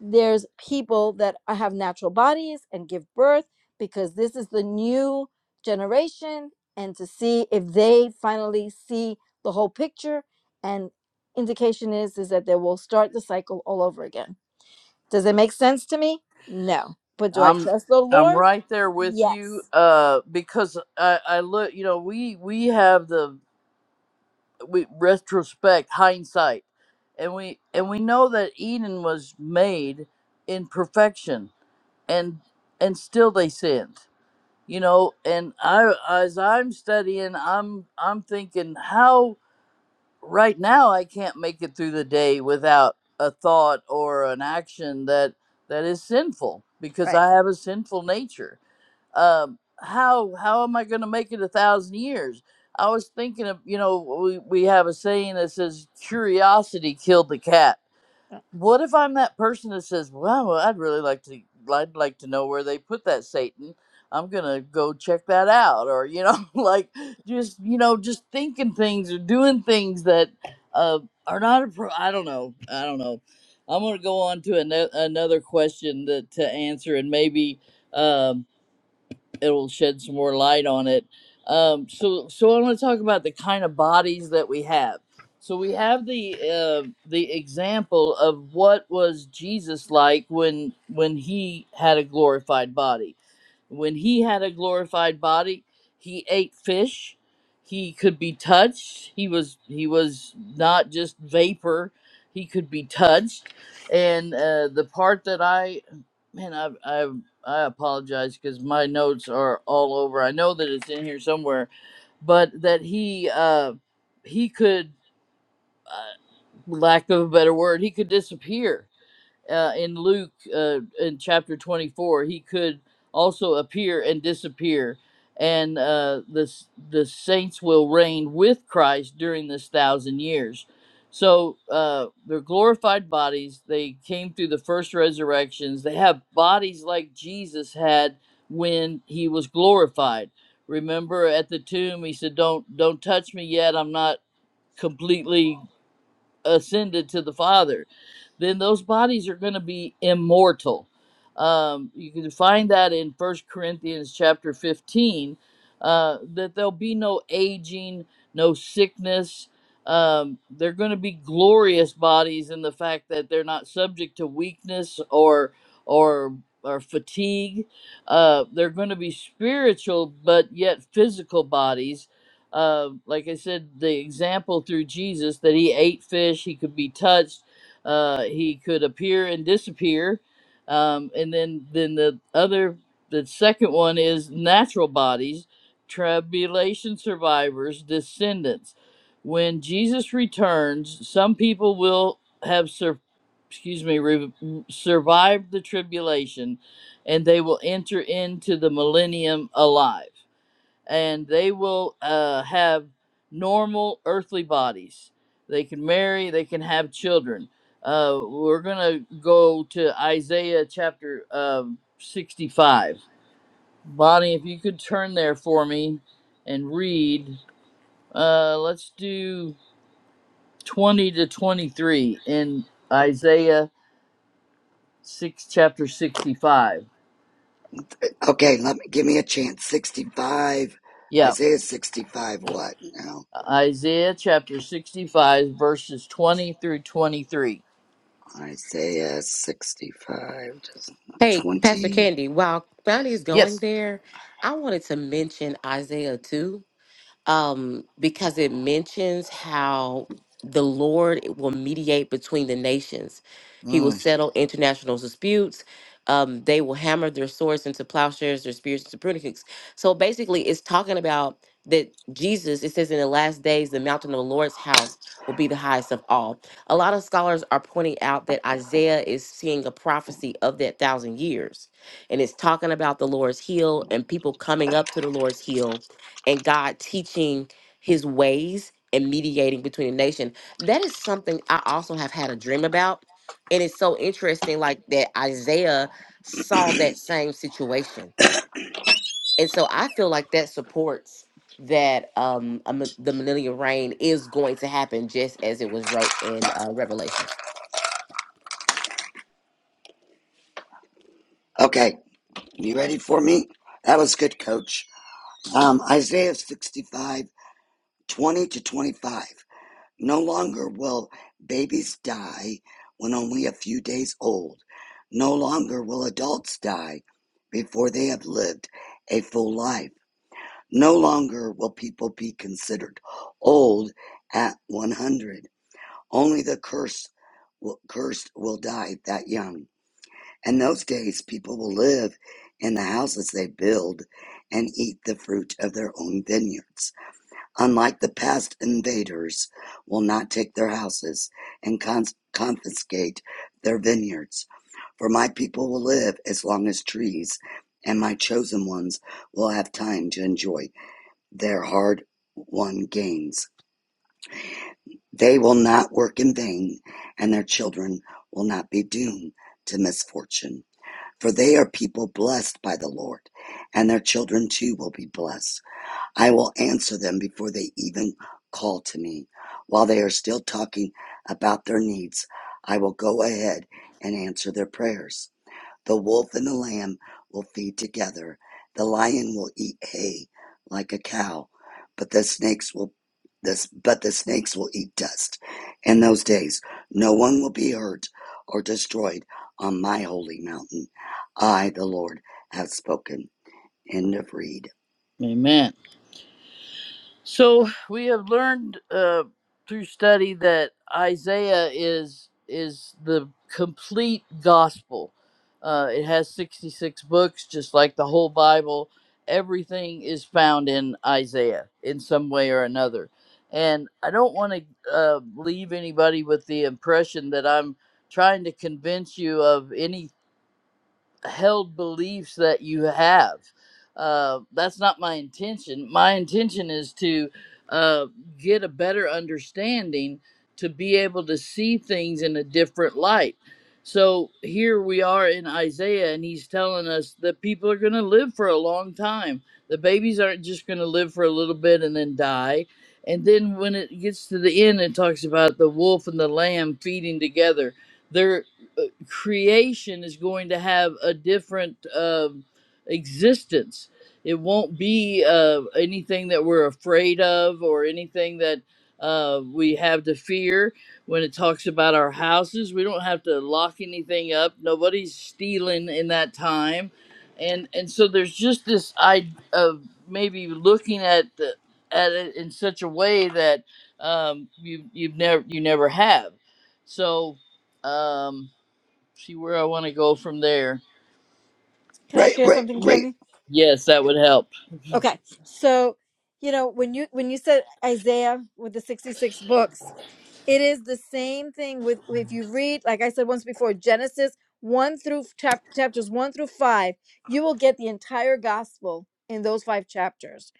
[SPEAKER 4] there's people that have natural bodies and give birth because this is the new generation and to see if they finally see the whole picture and indication is is that they will start the cycle all over again. Does it make sense to me? No. But do I
[SPEAKER 1] I'm
[SPEAKER 4] trust the
[SPEAKER 1] I'm
[SPEAKER 4] Lord?
[SPEAKER 1] right there with you.
[SPEAKER 4] Yes.
[SPEAKER 1] Uh, because I I look, you know, we we have the we retrospect hindsight, and we and we know that Eden was made in perfection, and and still they sinned. You know, and I as I'm studying, I'm I'm thinking how right now I can't make it through the day without a thought or an action that that is sinful because
[SPEAKER 4] Right.
[SPEAKER 1] I have a sinful nature. Um, how how am I going to make it a thousand years? I was thinking of you know we we have a saying that says curiosity killed the cat
[SPEAKER 4] Uh,
[SPEAKER 1] what if I'm that person that says, "Well, well, I'd really like to, I'd like to know where they put that Satan. I'm gonna go check that out," or you know, like just you know, just thinking things or doing things that uh, are not. appro I don't know. I don't know. I'm gonna go on to ano- another question that to answer, and maybe. Um, it'll shed some more light on it. Um, so, so I want to talk about the kind of bodies that we have. So we have the uh, the example of what was Jesus like when when he had a glorified body. When he had a glorified body, he ate fish. He could be touched. He was he was not just vapor. He could be touched. And uh, the part that I man, I I I apologize because my notes are all over. I know that it's in here somewhere, but that he uh, he could, uh, lack of a better word, he could disappear uh, in Luke uh, in chapter 24, he could also appear and disappear. And uh, the, the saints will reign with Christ during this thousand years. So uh, they're glorified bodies. They came through the first resurrections. They have bodies like Jesus had when he was glorified. Remember at the tomb, he said, "Don't don't touch me yet. I'm not completely ascended to the Father." then those bodies are going to be immortal. Um, you can find that in First Corinthians chapter 15, uh, that there'll be no aging, no sickness. Um, they're going to be glorious bodies in the fact that they're not subject to weakness or or or fatigue. Uh, they're going to be spiritual, but yet physical bodies. Uh, like I said, the example through Jesus that he ate fish, he could be touched uh, he could appear and disappear. Um, and then, then the other, the second one is natural bodies, tribulation survivors, descendants. When Jesus returns, some people will have sur- excuse me, re- survived the tribulation, and they will enter into the millennium alive and they will uh, have normal earthly bodies. They can marry, they can have children. Uh, we're going to go to Isaiah chapter um 65. Bonnie, if you could turn there for me and read, uh, let's do 20 to 23 in Isaiah 6, chapter 65.
[SPEAKER 2] Okay, let me give me a chance. Sixty-five,
[SPEAKER 1] Yeah,
[SPEAKER 2] Isaiah sixty-five. What now?
[SPEAKER 1] Isaiah chapter 65, verses 20 through 23.
[SPEAKER 2] Isaiah 65 20.
[SPEAKER 5] Hey, Pastor Candy, while Bonnie is going
[SPEAKER 1] Yes.
[SPEAKER 5] there, I wanted to mention Isaiah 2 um, because it mentions how the Lord will mediate between the nations. He will
[SPEAKER 1] Mm.
[SPEAKER 5] settle international disputes. Um, they will hammer their swords into plowshares, their spears into pruning hooks. So basically, it's talking about that Jesus, it says in the last days, the mountain of the Lord's house will be the highest of all. A lot of scholars are pointing out that Isaiah is seeing a prophecy of that thousand years. And it's talking about the Lord's heel and people coming up to the Lord's heel and God teaching his ways and mediating between the nation. That is something I also have had a dream about. And it's so interesting, like that Isaiah saw that same situation. And so I feel like that supports that um a mi- the millennial reign is going to happen just as it was wrote in uh, Revelations.
[SPEAKER 2] Okay, you ready for me? That was good, coach. Um, Isaiah 65 20 to 25. No longer will babies die when only a few days old. No longer will adults die before they have lived a full life. No longer will people be considered old at 100. Only the cursed will, cursed will die that young. In those days, people will live in the houses they build and eat the fruit of their own vineyards. Unlike the past, invaders will not take their houses and cons- confiscate their vineyards. For my people will live as long as trees, and my chosen ones will have time to enjoy their hard won gains. They will not work in vain, and their children will not be doomed to misfortune. For they are people blessed by the Lord, and their children too will be blessed. I will answer them before they even call to me. While they are still talking about their needs, I will go ahead and answer their prayers. The wolf and the lamb will feed together. The lion will eat hay like a cow, but the snakes will this but the snakes will eat dust. In those days no one will be hurt or destroyed on my holy mountain. I the Lord have spoken. End of read.
[SPEAKER 1] Amen. So we have learned uh, through study that Isaiah is is the complete gospel. Uh, it has 66 books, just like the whole Bible. Everything is found in Isaiah in some way or another. And I don't want to uh, leave anybody with the impression that I'm trying to convince you of any held beliefs that you have. Uh, that's not my intention. My intention is to uh, get a better understanding to be able to see things in a different light. So here we are in Isaiah, and he's telling us that people are going to live for a long time. The babies aren't just going to live for a little bit and then die. And then when it gets to the end, it talks about the wolf and the lamb feeding together. There uh, creation is going to have a different um, existence. It won't be uh, anything that we're afraid of or anything that uh, we have to fear. When it talks about our houses, we don't have to lock anything up. Nobody's stealing in that time, and and so there's just this idea of maybe looking at the, at it in such a way that um, you you've never you never have. So. Um, see where I want to go from there.
[SPEAKER 4] Can I
[SPEAKER 2] Right
[SPEAKER 4] share
[SPEAKER 2] right
[SPEAKER 4] something,
[SPEAKER 2] right
[SPEAKER 4] Candy?
[SPEAKER 1] Yes, that would help.
[SPEAKER 4] Okay. So, you know, when you when you said Isaiah with the 66 books, it is the same thing with if you read like I said once before Genesis 1 through chap- chapters 1 through 5, you will get the entire gospel in those 5 chapters.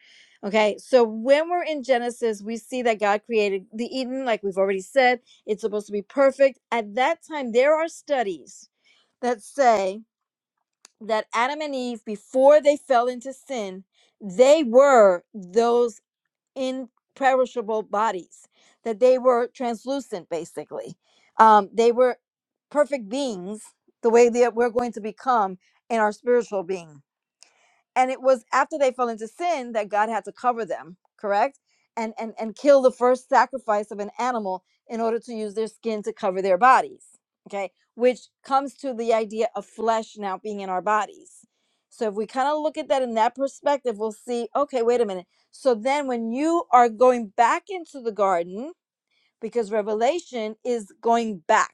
[SPEAKER 4] Okay? So, when we're in Genesis, we see that God created the Eden like we've already said, it's supposed to be perfect. At that time there are studies that say that Adam and Eve, before they fell into sin, they were those imperishable bodies, that they were translucent, basically. Um, they were perfect beings, the way that we're going to become in our spiritual being and it was after they fell into sin that god had to cover them correct and and and kill the first sacrifice of an animal in order to use their skin to cover their bodies okay which comes to the idea of flesh now being in our bodies so if we kind of look at that in that perspective we'll see okay wait a minute so then when you are going back into the garden because revelation is going back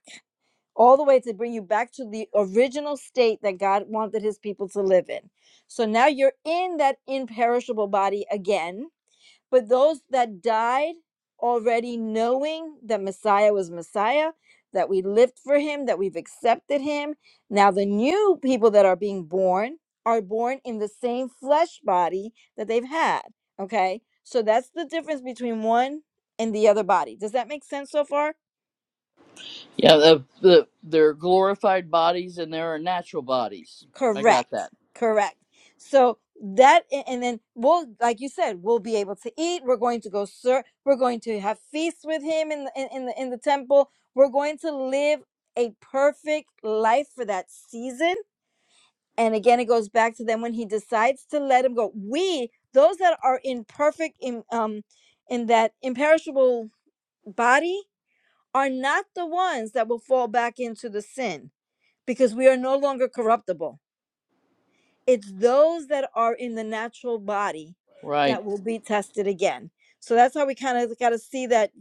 [SPEAKER 4] all the way to bring you back to the original state that God wanted his people to live in. So now you're in that imperishable body again, but those that died already knowing that Messiah was Messiah, that we lived for him, that we've accepted him. Now the new people that are being born are born in the same flesh body that they've had, okay? So that's the difference between one and the other body. Does that make sense so far?
[SPEAKER 1] Yeah, the, the, there are glorified bodies and there are natural bodies. I
[SPEAKER 4] Correct.
[SPEAKER 1] got that.
[SPEAKER 4] Correct. So that a- and then we'll like you said, we'll be able to eat. We're going to go sir we're going to have feasts with him in the in, in the in the temple. We're going to live a perfect life for that season. And again, it goes back to them when he decides to let him go. We, those that are in perfect in um in that imperishable body are not the ones that will fall back into the sin because we are no longer corruptible it's those that are in the natural body
[SPEAKER 1] Right,
[SPEAKER 4] that will be tested again. So that's how we kind of got to see that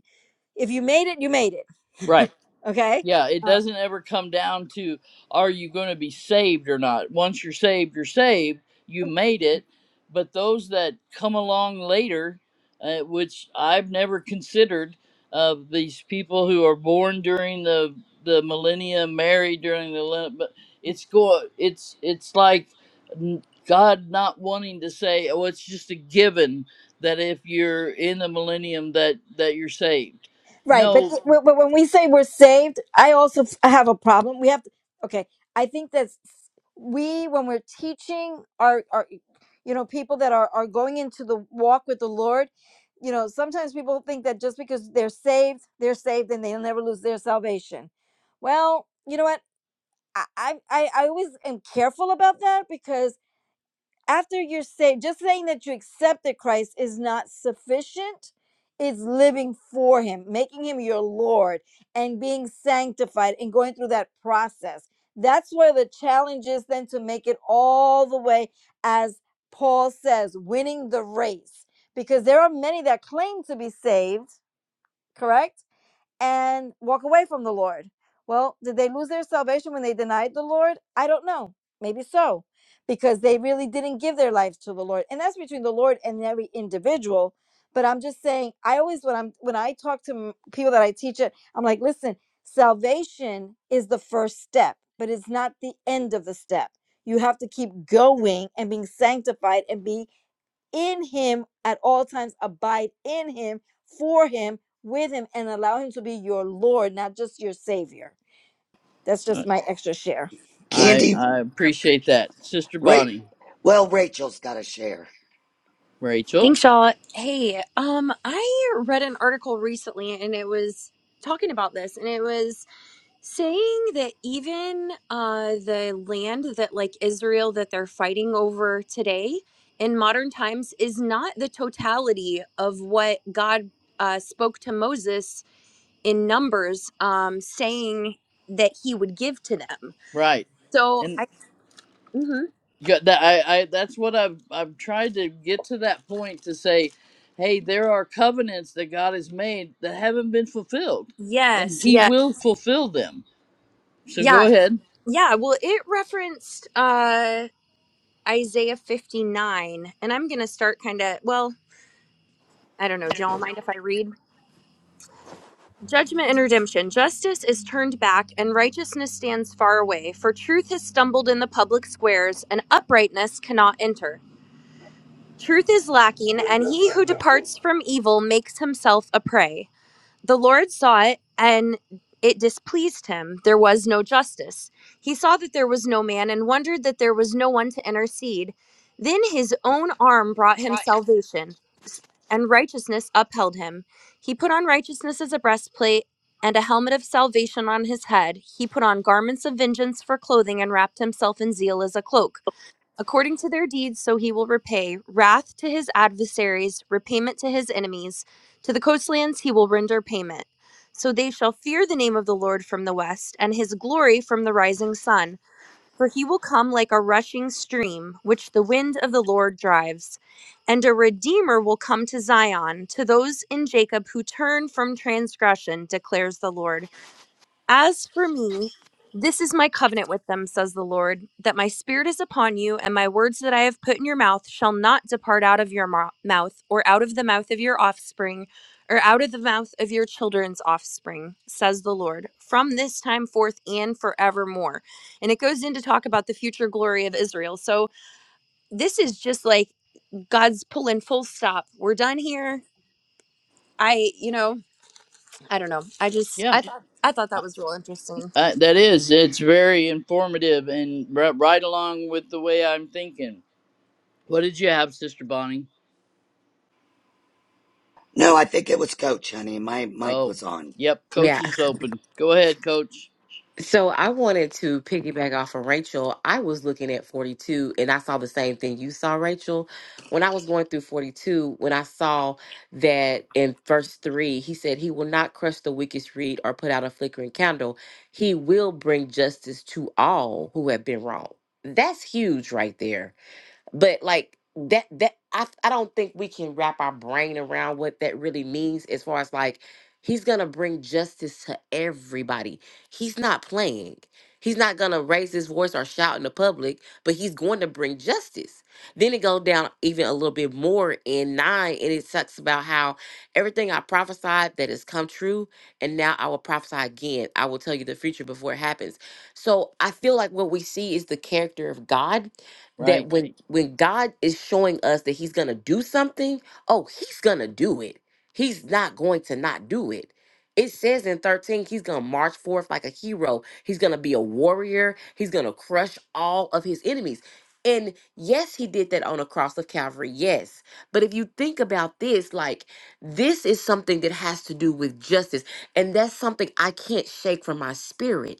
[SPEAKER 4] if you made it, you made it.
[SPEAKER 1] right.
[SPEAKER 4] Okay.
[SPEAKER 1] Yeah, it doesn't ever come down to are you going to be saved or not. Once you're saved, you're saved. You made it. But those that come along later, uh, which I've never considered, of these people who are born during the the millennium, married during the lin- but it's go it's it's like n- God not wanting to say, oh, it's just a given that if you're in the millennium that that you're saved.
[SPEAKER 4] Right. But,
[SPEAKER 1] No,
[SPEAKER 4] w- but when we say we're saved, I also f- have a problem. We have to, okay. I think that we, when we're teaching our, our you know, people that are, are going into the walk with the Lord, you know, sometimes people think that just because they're saved, they're saved and they'll never lose their salvation. Well, you know what? I, I, I I always am careful about that because after you're saved, just saying that you accepted Christ is not sufficient. It's living for Him, making Him your Lord, and being sanctified and going through that process. That's where the challenge is then to make it all the way, as Paul says, winning the race. Because there are many that claim to be saved, correct? and walk away from the Lord. Well, did they lose their salvation when they denied the Lord? I don't know. Maybe so, because they really didn't give their lives to the Lord. And that's between the Lord and every individual. But I'm just saying, I always when I'm when I talk to m- people that I teach it, I'm like, listen, salvation is the first step, but it's not the end of the step. You have to keep going and being sanctified and be in him at all times, abide in him, for him, with him, and allow him to be your Lord, not just your Savior. That's just my extra share. Thank you.
[SPEAKER 1] I
[SPEAKER 2] Candy
[SPEAKER 1] I appreciate that, Sister
[SPEAKER 2] right
[SPEAKER 1] Bonnie,
[SPEAKER 2] well Rachel's got a share.
[SPEAKER 1] Rachel.
[SPEAKER 6] Thanks, y'all. Hey, um, I read an article recently and it was talking about this and it was saying that even uh the land that like Israel that they're fighting over today in modern times is not the totality of what God uh spoke to Moses in Numbers um saying that he would give to them.
[SPEAKER 1] Right,
[SPEAKER 6] So
[SPEAKER 1] and
[SPEAKER 6] I mhm.
[SPEAKER 1] got that I, I that's what I've I've tried to get to that point to say, hey, there are covenants that God has made that haven't been fulfilled, and
[SPEAKER 6] yes,
[SPEAKER 1] He
[SPEAKER 6] yeah.
[SPEAKER 1] will fulfill them. So go
[SPEAKER 6] Yeah.
[SPEAKER 1] ahead.
[SPEAKER 6] Yeah, well it referenced uh Isaiah 59, and I'm going to start kind of, well, I don't know. Do y'all mind if I read? Judgment and redemption. Justice is turned back, and righteousness stands far away, for truth has stumbled in the public squares, and uprightness cannot enter. Truth is lacking, and he who departs from evil makes himself a prey. The Lord saw it, and it displeased him. There was no justice. He saw that there was no man and wondered that there was no one to intercede. Then his own arm brought him salvation, and righteousness upheld him. He put on righteousness as a breastplate and a helmet of salvation on his head. He put on garments of vengeance for clothing and wrapped himself in zeal as a cloak according to their deeds, so he will repay wrath to his adversaries, repayment to his enemies. To the coastlands he will render payment. So they shall fear the name of the Lord from the west, and his glory from the rising sun. For he will come like a rushing stream, which the wind of the Lord drives. And a redeemer will come to Zion, to those in Jacob who turn from transgression, declares the Lord. As for me, this is my covenant with them, says the Lord, that my spirit is upon you, and my words that I have put in your mouth shall not depart out of your mou- mouth, or out of the mouth of your offspring, or out of the mouth of your children's offspring, says the Lord, from this time forth and forevermore. And it goes in to talk about the future glory of Israel. So this is just like God's pulling full stop. We're done here. I, you know, I don't know. I just,
[SPEAKER 1] Yeah,
[SPEAKER 6] I thought, I thought that
[SPEAKER 1] uh,
[SPEAKER 6] was real interesting.
[SPEAKER 1] uh, that is. It's very informative and ri- right along with the way I'm thinking. What did you have, Sister Bonnie?
[SPEAKER 2] No, I think it was Coach, honey. My mic
[SPEAKER 1] Oh,
[SPEAKER 2] was on.
[SPEAKER 1] yep. Coach
[SPEAKER 5] Yeah,
[SPEAKER 1] is open. Go ahead, Coach.
[SPEAKER 5] So I wanted to piggyback off of Rachel. I was looking at 42 and I saw the same thing you saw, Rachel. When I was going through 42, when I saw that in verse 3, he said, He will not crush the weakest reed or put out a flickering candle. He will bring justice to all who have been wrong. That's huge right there but like that that I, I don't think we can wrap our brain around what that really means as far as like he's gonna bring justice to everybody he's not playing he's not gonna raise his voice or shout in the public but he's going to bring justice then it goes down even a little bit more in nine and it talks about how everything i prophesied that has come true and now i will prophesy again i will tell you the future before it happens so i feel like what we see is the character of god that
[SPEAKER 1] Right,
[SPEAKER 5] when when God is showing us that he's going to do something, oh, he's going to do it. He's not going to not do it. It says in 13 he's going to march forth like a hero. He's going to be a warrior. He's going to crush all of his enemies. And yes, he did that on the cross of Calvary. Yes. But if you think about this, like this is something that has to do with justice. And that's something I can't shake from my spirit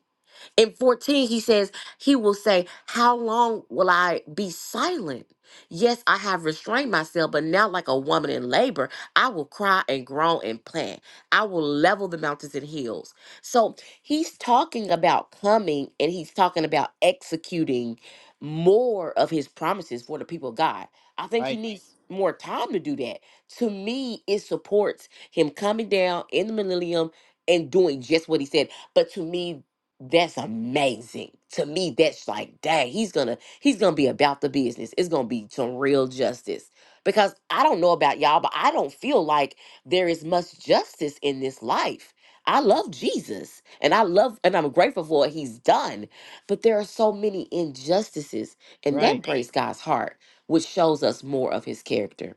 [SPEAKER 5] in 14, he says, He will say, How long will I be silent? Yes, I have restrained myself, but now, like a woman in labor, I will cry and groan and plant. I will level the mountains and hills. So he's talking about coming and he's talking about executing more of his promises for the people of God. I think he
[SPEAKER 1] right,
[SPEAKER 5] needs more time to do that. To me, it supports him coming down in the millennium and doing just what he said. But to me, that's amazing. To me, that's like, dang, he's gonna he's gonna be about the business. It's gonna be some real justice. Because I don't know about y'all, but I don't feel like there is much justice in this life. I love Jesus and I love and I'm grateful for what he's done. But there are so many injustices, and
[SPEAKER 1] right.
[SPEAKER 5] that breaks God's heart, which shows us more of his character.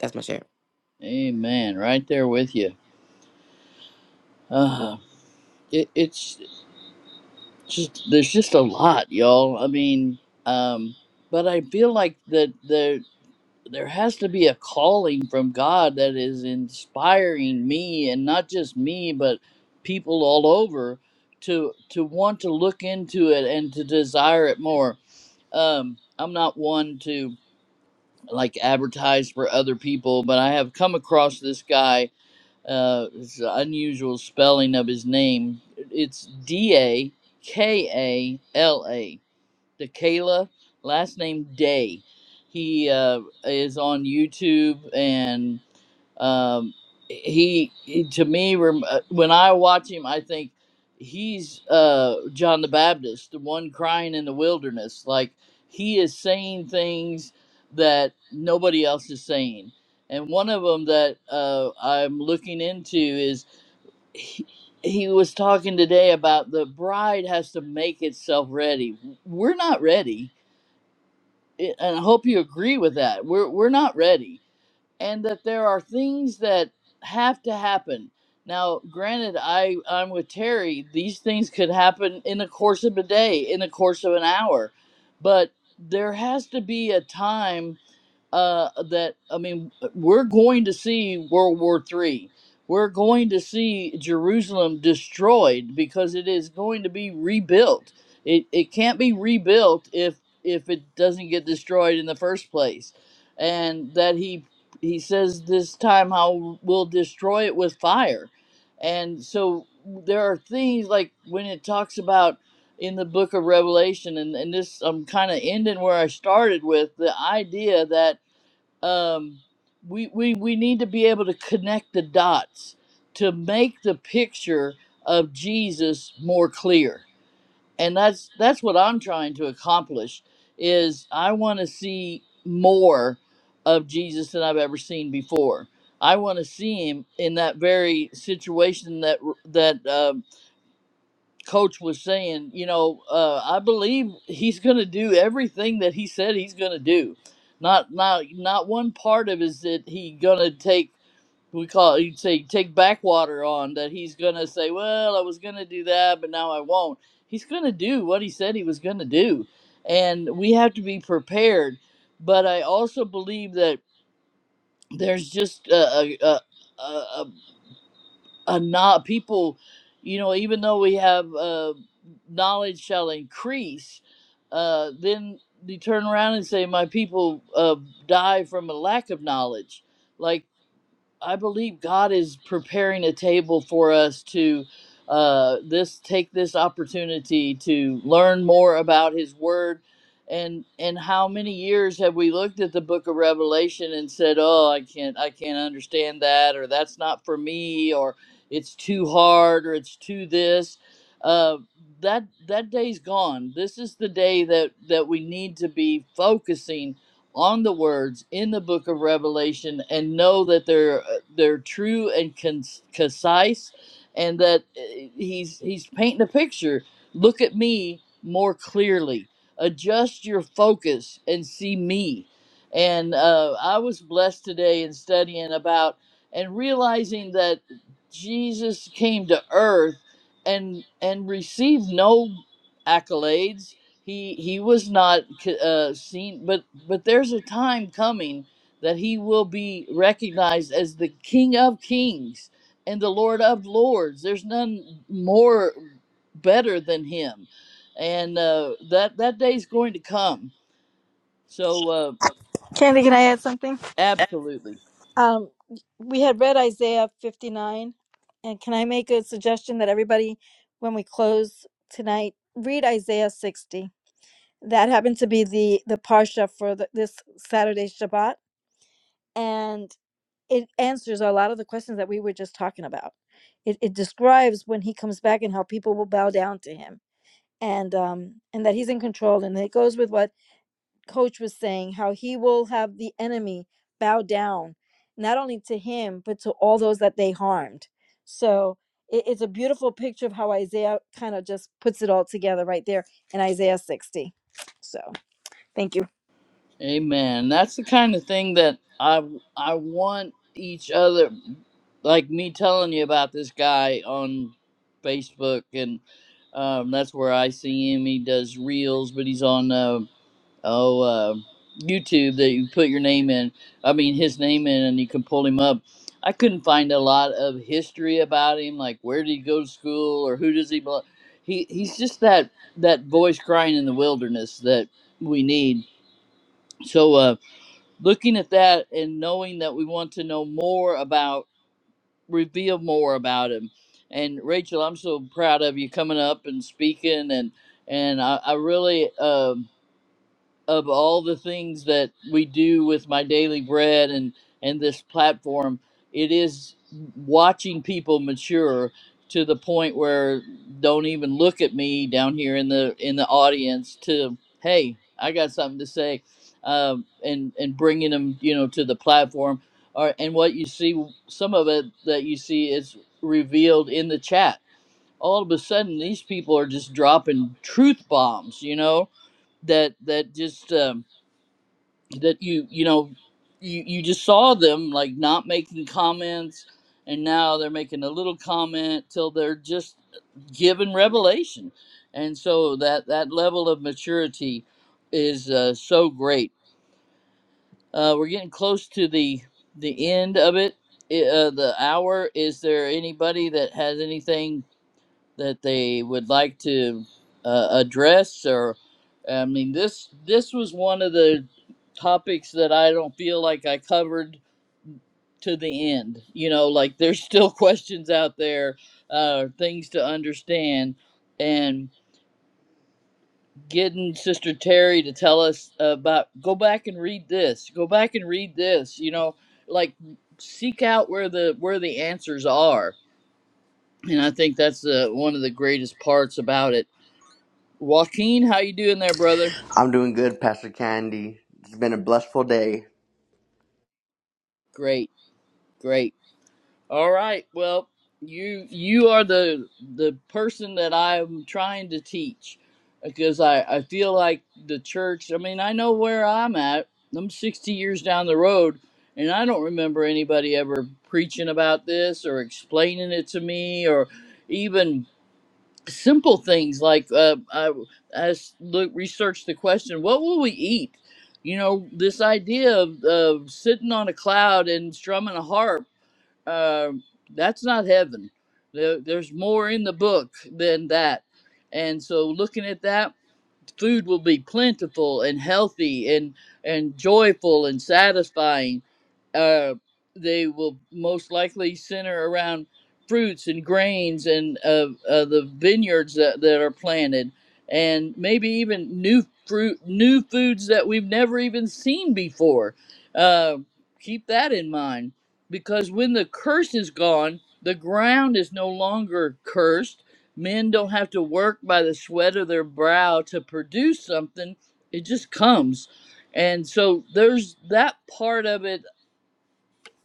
[SPEAKER 5] That's my share.
[SPEAKER 1] Amen. Right there with you. Uh, it, it's just there's just a lot, y'all. I mean, um, but I feel like that there there has to be a calling from God that is inspiring me, and not just me, but people all over to to want to look into it and to desire it more. Um, I'm not one to like advertise for other people, but I have come across this guy uh, it's the unusual spelling of his name. It's D A K A L A. Dakala, last name Day. He uh, is on YouTube and um, he, he to me rem- uh, when I watch him, I think he's uh, John the Baptist, the one crying in the wilderness. Like he is saying things that nobody else is saying, and one of them that uh, I'm looking into is. He, he was talking today about the bride has to make itself ready. We're not ready, I- and I hope you agree with that. We're we're not ready and that there are things that have to happen. Now, granted, I I'm with Terry. These things could happen in the course of a day, in the course of an hour, but there has to be a time uh, that I mean, we're going to see World War Three. We're going to see Jerusalem destroyed because it is going to be rebuilt. It it can't be rebuilt if if it doesn't get destroyed in the first place, and that he he says this time how we'll destroy it with fire, and so there are things like when it talks about in the book of revelation and, and this i'm kind of ending where i started with the idea that um, we, we, we need to be able to connect the dots to make the picture of Jesus more clear. And that's that's what I'm trying to accomplish is I want to see more of Jesus than I've ever seen before. I want to see him in that very situation that that uh, coach was saying, you know, uh, I believe he's going to do everything that he said he's going to do. Not not not one part of it is that he going to take we call it, he'd say take backwater on that he's going to say, well, I was going to do that, but now I won't. He's going to do what he said he was going to do, and we have to be prepared. But I also believe that there's just a, a, a, a uh, not people you know even though we have uh, knowledge shall increase uh, then they turn around and say my people uh, die from a lack of knowledge like I believe God is preparing a table for us to uh, this take this opportunity to learn more about His Word, and and how many years have we looked at the Book of Revelation and said, "Oh, I can't, I can't understand that," or "That's not for me," or "It's too hard," or "It's too this." Uh, that that day's gone. This is the day that that we need to be focusing on the words in the book of Revelation and know that they're uh, they're true and con- concise and that uh, he's he's painting a picture. Look at me more clearly. Adjust your focus and see me. And uh, I was blessed today in studying about and realizing that Jesus came to earth and and received no accolades he he was not uh, seen but but there's a time coming that he will be recognized as the king of kings and the lord of lords there's none more better than him and uh, that that day's going to come so uh,
[SPEAKER 4] Candy, can I add something?
[SPEAKER 1] absolutely
[SPEAKER 4] Um, we had read Isaiah 59, and can I make a suggestion that everybody, when we close tonight, read Isaiah 60? That happened to be the the parsha for the, this Saturday Shabbat, and. it answers a lot of the questions that we were just talking about. It, it describes when he comes back and how people will bow down to him and um and that he's in control and it goes with what coach was saying how he will have the enemy bow down not only to him but to all those that they harmed so it, it's a beautiful picture of how isaiah kind of just puts it all together right there in isaiah 60 so thank you
[SPEAKER 1] amen that's the kind of thing that i i want each other like me telling you about this guy on facebook and. Um, that's where I see him. He does reels, but he's on uh, oh uh, YouTube that you put your name in. I mean his name in, and you can pull him up. I couldn't find a lot of history about him, like where did he go to school or who does he belong. He he's just that that voice crying in the wilderness that we need. So uh, looking at that and knowing that we want to know more about reveal more about him. And Rachel, I'm so proud of you coming up and speaking, and and I, I really um of all the things that we do with my daily bread and and this platform it is watching people mature to the point where don't even look at me down here in the in the audience to hey i got something to say um, and and bringing them you know to the platform or and what you see some of it that you see is revealed in the chat all of a sudden these people are just dropping truth bombs you know that that just um, that you you know you you just saw them like not making comments and now they're making a little comment till they're just given revelation and so that that level of maturity is uh, so great uh, we're getting close to the the end of it I- uh, the hour is there anybody that has anything that they would like to uh, address or i mean this this was one of the topics that i don't feel like i covered to the end you know like there's still questions out there uh, things to understand and getting sister terry to tell us about go back and read this go back and read this you know like seek out where the where the answers are and i think that's the one of the greatest parts about it Joaquin, how you doing there, brother?
[SPEAKER 7] I'm doing good, Pastor Candy. It's been a blissful day.
[SPEAKER 1] Great, great. All right. Well, you you are the the person that I'm trying to teach because I I feel like the church. I mean, I know where I'm at. I'm 60 years down the road, and I don't remember anybody ever preaching about this or explaining it to me or even. simple things like uh, I, I s- look, researched the question, what will we eat? You know, this idea of, of sitting on a cloud and strumming a harp, uh, that's not heaven. There, there's more in the book than that. And so looking at that, food will be plentiful and healthy and, and joyful and satisfying uh, they will most likely center around fruits and grains and uh, uh, the vineyards that, that are planted and maybe even new fruit new foods that we've never even seen before uh, keep that in mind because when the curse is gone the ground is no longer cursed men don't have to work by the sweat of their brow to produce something it just comes and so there's that part of it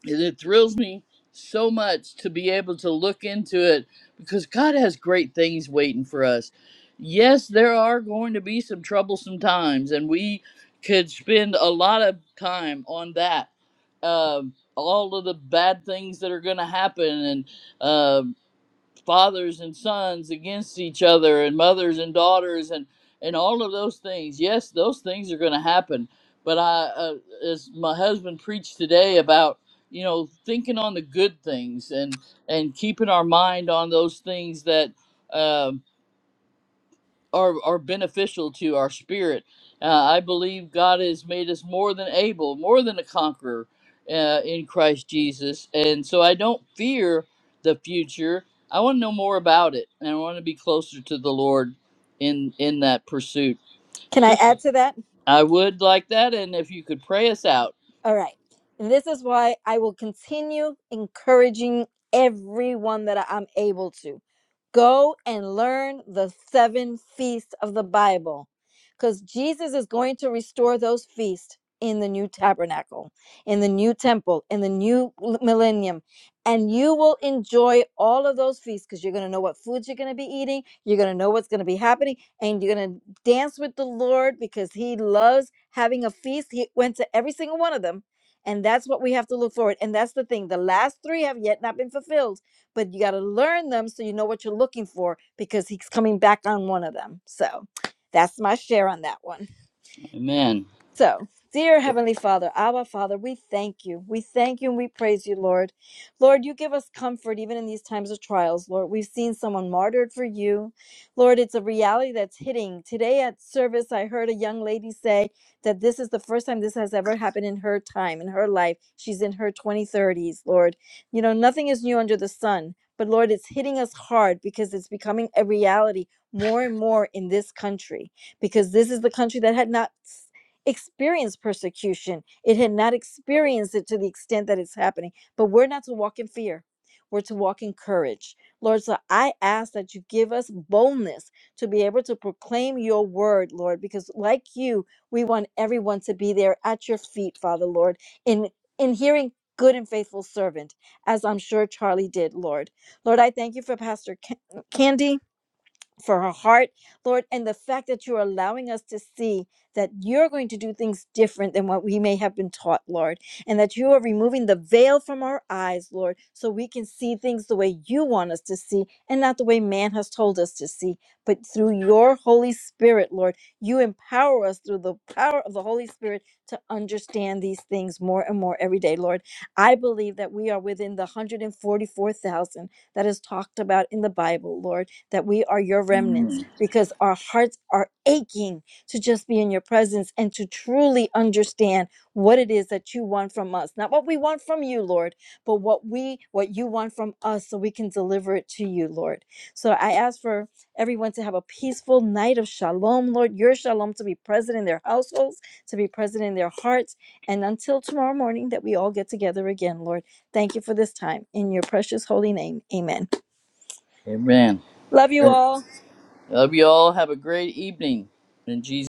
[SPEAKER 1] and it thrills me so much to be able to look into it because God has great things waiting for us. Yes, there are going to be some troublesome times, and we could spend a lot of time on that. Um all of the bad things that are going to happen, and uh, fathers and sons against each other and mothers and daughters and and all of those things yes those things are going to happen but i uh, as my husband preached today about you know thinking on the good things and and keeping our mind on those things that um are, are beneficial to our spirit. Uh, I believe God has made us more than able, more than a conqueror uh, in Christ Jesus. And so I don't fear the future. I want to know more about it, and I want to be closer to the Lord in in that pursuit. It's
[SPEAKER 4] can i
[SPEAKER 1] just
[SPEAKER 4] add to that
[SPEAKER 1] I would like that, and if you could pray us out,
[SPEAKER 4] All right. This is why I will continue encouraging everyone that I'm able to. Go and learn the seven feasts of the Bible because Jesus is going to restore those feasts in the new tabernacle, in the new temple, in the new millennium and you will enjoy all of those feasts because you're going to know what foods you're going to be eating you're going to know what's going to be happening and you're going to dance with the lord because he loves having a feast he went to every single one of them and that's what we have to look forward and that's the thing the last three have yet not been fulfilled but you got to learn them so you know what you're looking for because he's coming back on one of them so that's my share on that one
[SPEAKER 1] Amen.
[SPEAKER 4] so, dear Heavenly Father, Abba Father, we thank you. We thank you and we praise you, Lord. Lord, you give us comfort even in these times of trials, Lord. We've seen someone martyred for you. Lord, it's a reality that's hitting. Today at service, I heard a young lady say that this is the first time this has ever happened in her time, in her life. She's in her 2030s, Lord. You know, nothing is new under the sun. But Lord, it's hitting us hard because it's becoming a reality more and more in this country because this is the country that had not experienced persecution. It had not experienced it to the extent that it's happening. But we're not to walk in fear, we're to walk in courage. Lord, so I ask that you give us boldness to be able to proclaim your word, Lord, because like you, we want everyone to be there at your feet, Father, Lord, in, in hearing good and faithful servant, as I'm sure Charlie did, Lord. Lord, I thank you for Pastor Ca- Candy for her heart, Lord, and the fact that you're allowing us to see that you're going to do things different than what we may have been taught, Lord, and that you are removing the veil from our eyes, Lord, so we can see things the way you want us to see and not the way man has told us to see, but through your Holy Spirit, Lord, you empower us through the power of the Holy Spirit to understand these things more and more every day, Lord. I believe that we are within the 144,000 that is talked about in the Bible, Lord that we are your remnants because our hearts are aching to just be in your presence and to truly understand what it is that you want from us not what we want from you lord but what we what you want from us so we can deliver it to you lord so i ask for everyone to have a peaceful night of shalom lord your shalom to be present in their households to be present in their hearts and until tomorrow morning that we all get together again lord thank you for this time in your precious holy name amen
[SPEAKER 1] Amen.
[SPEAKER 4] love you all
[SPEAKER 1] Love you all. Have a great evening. In Jesus.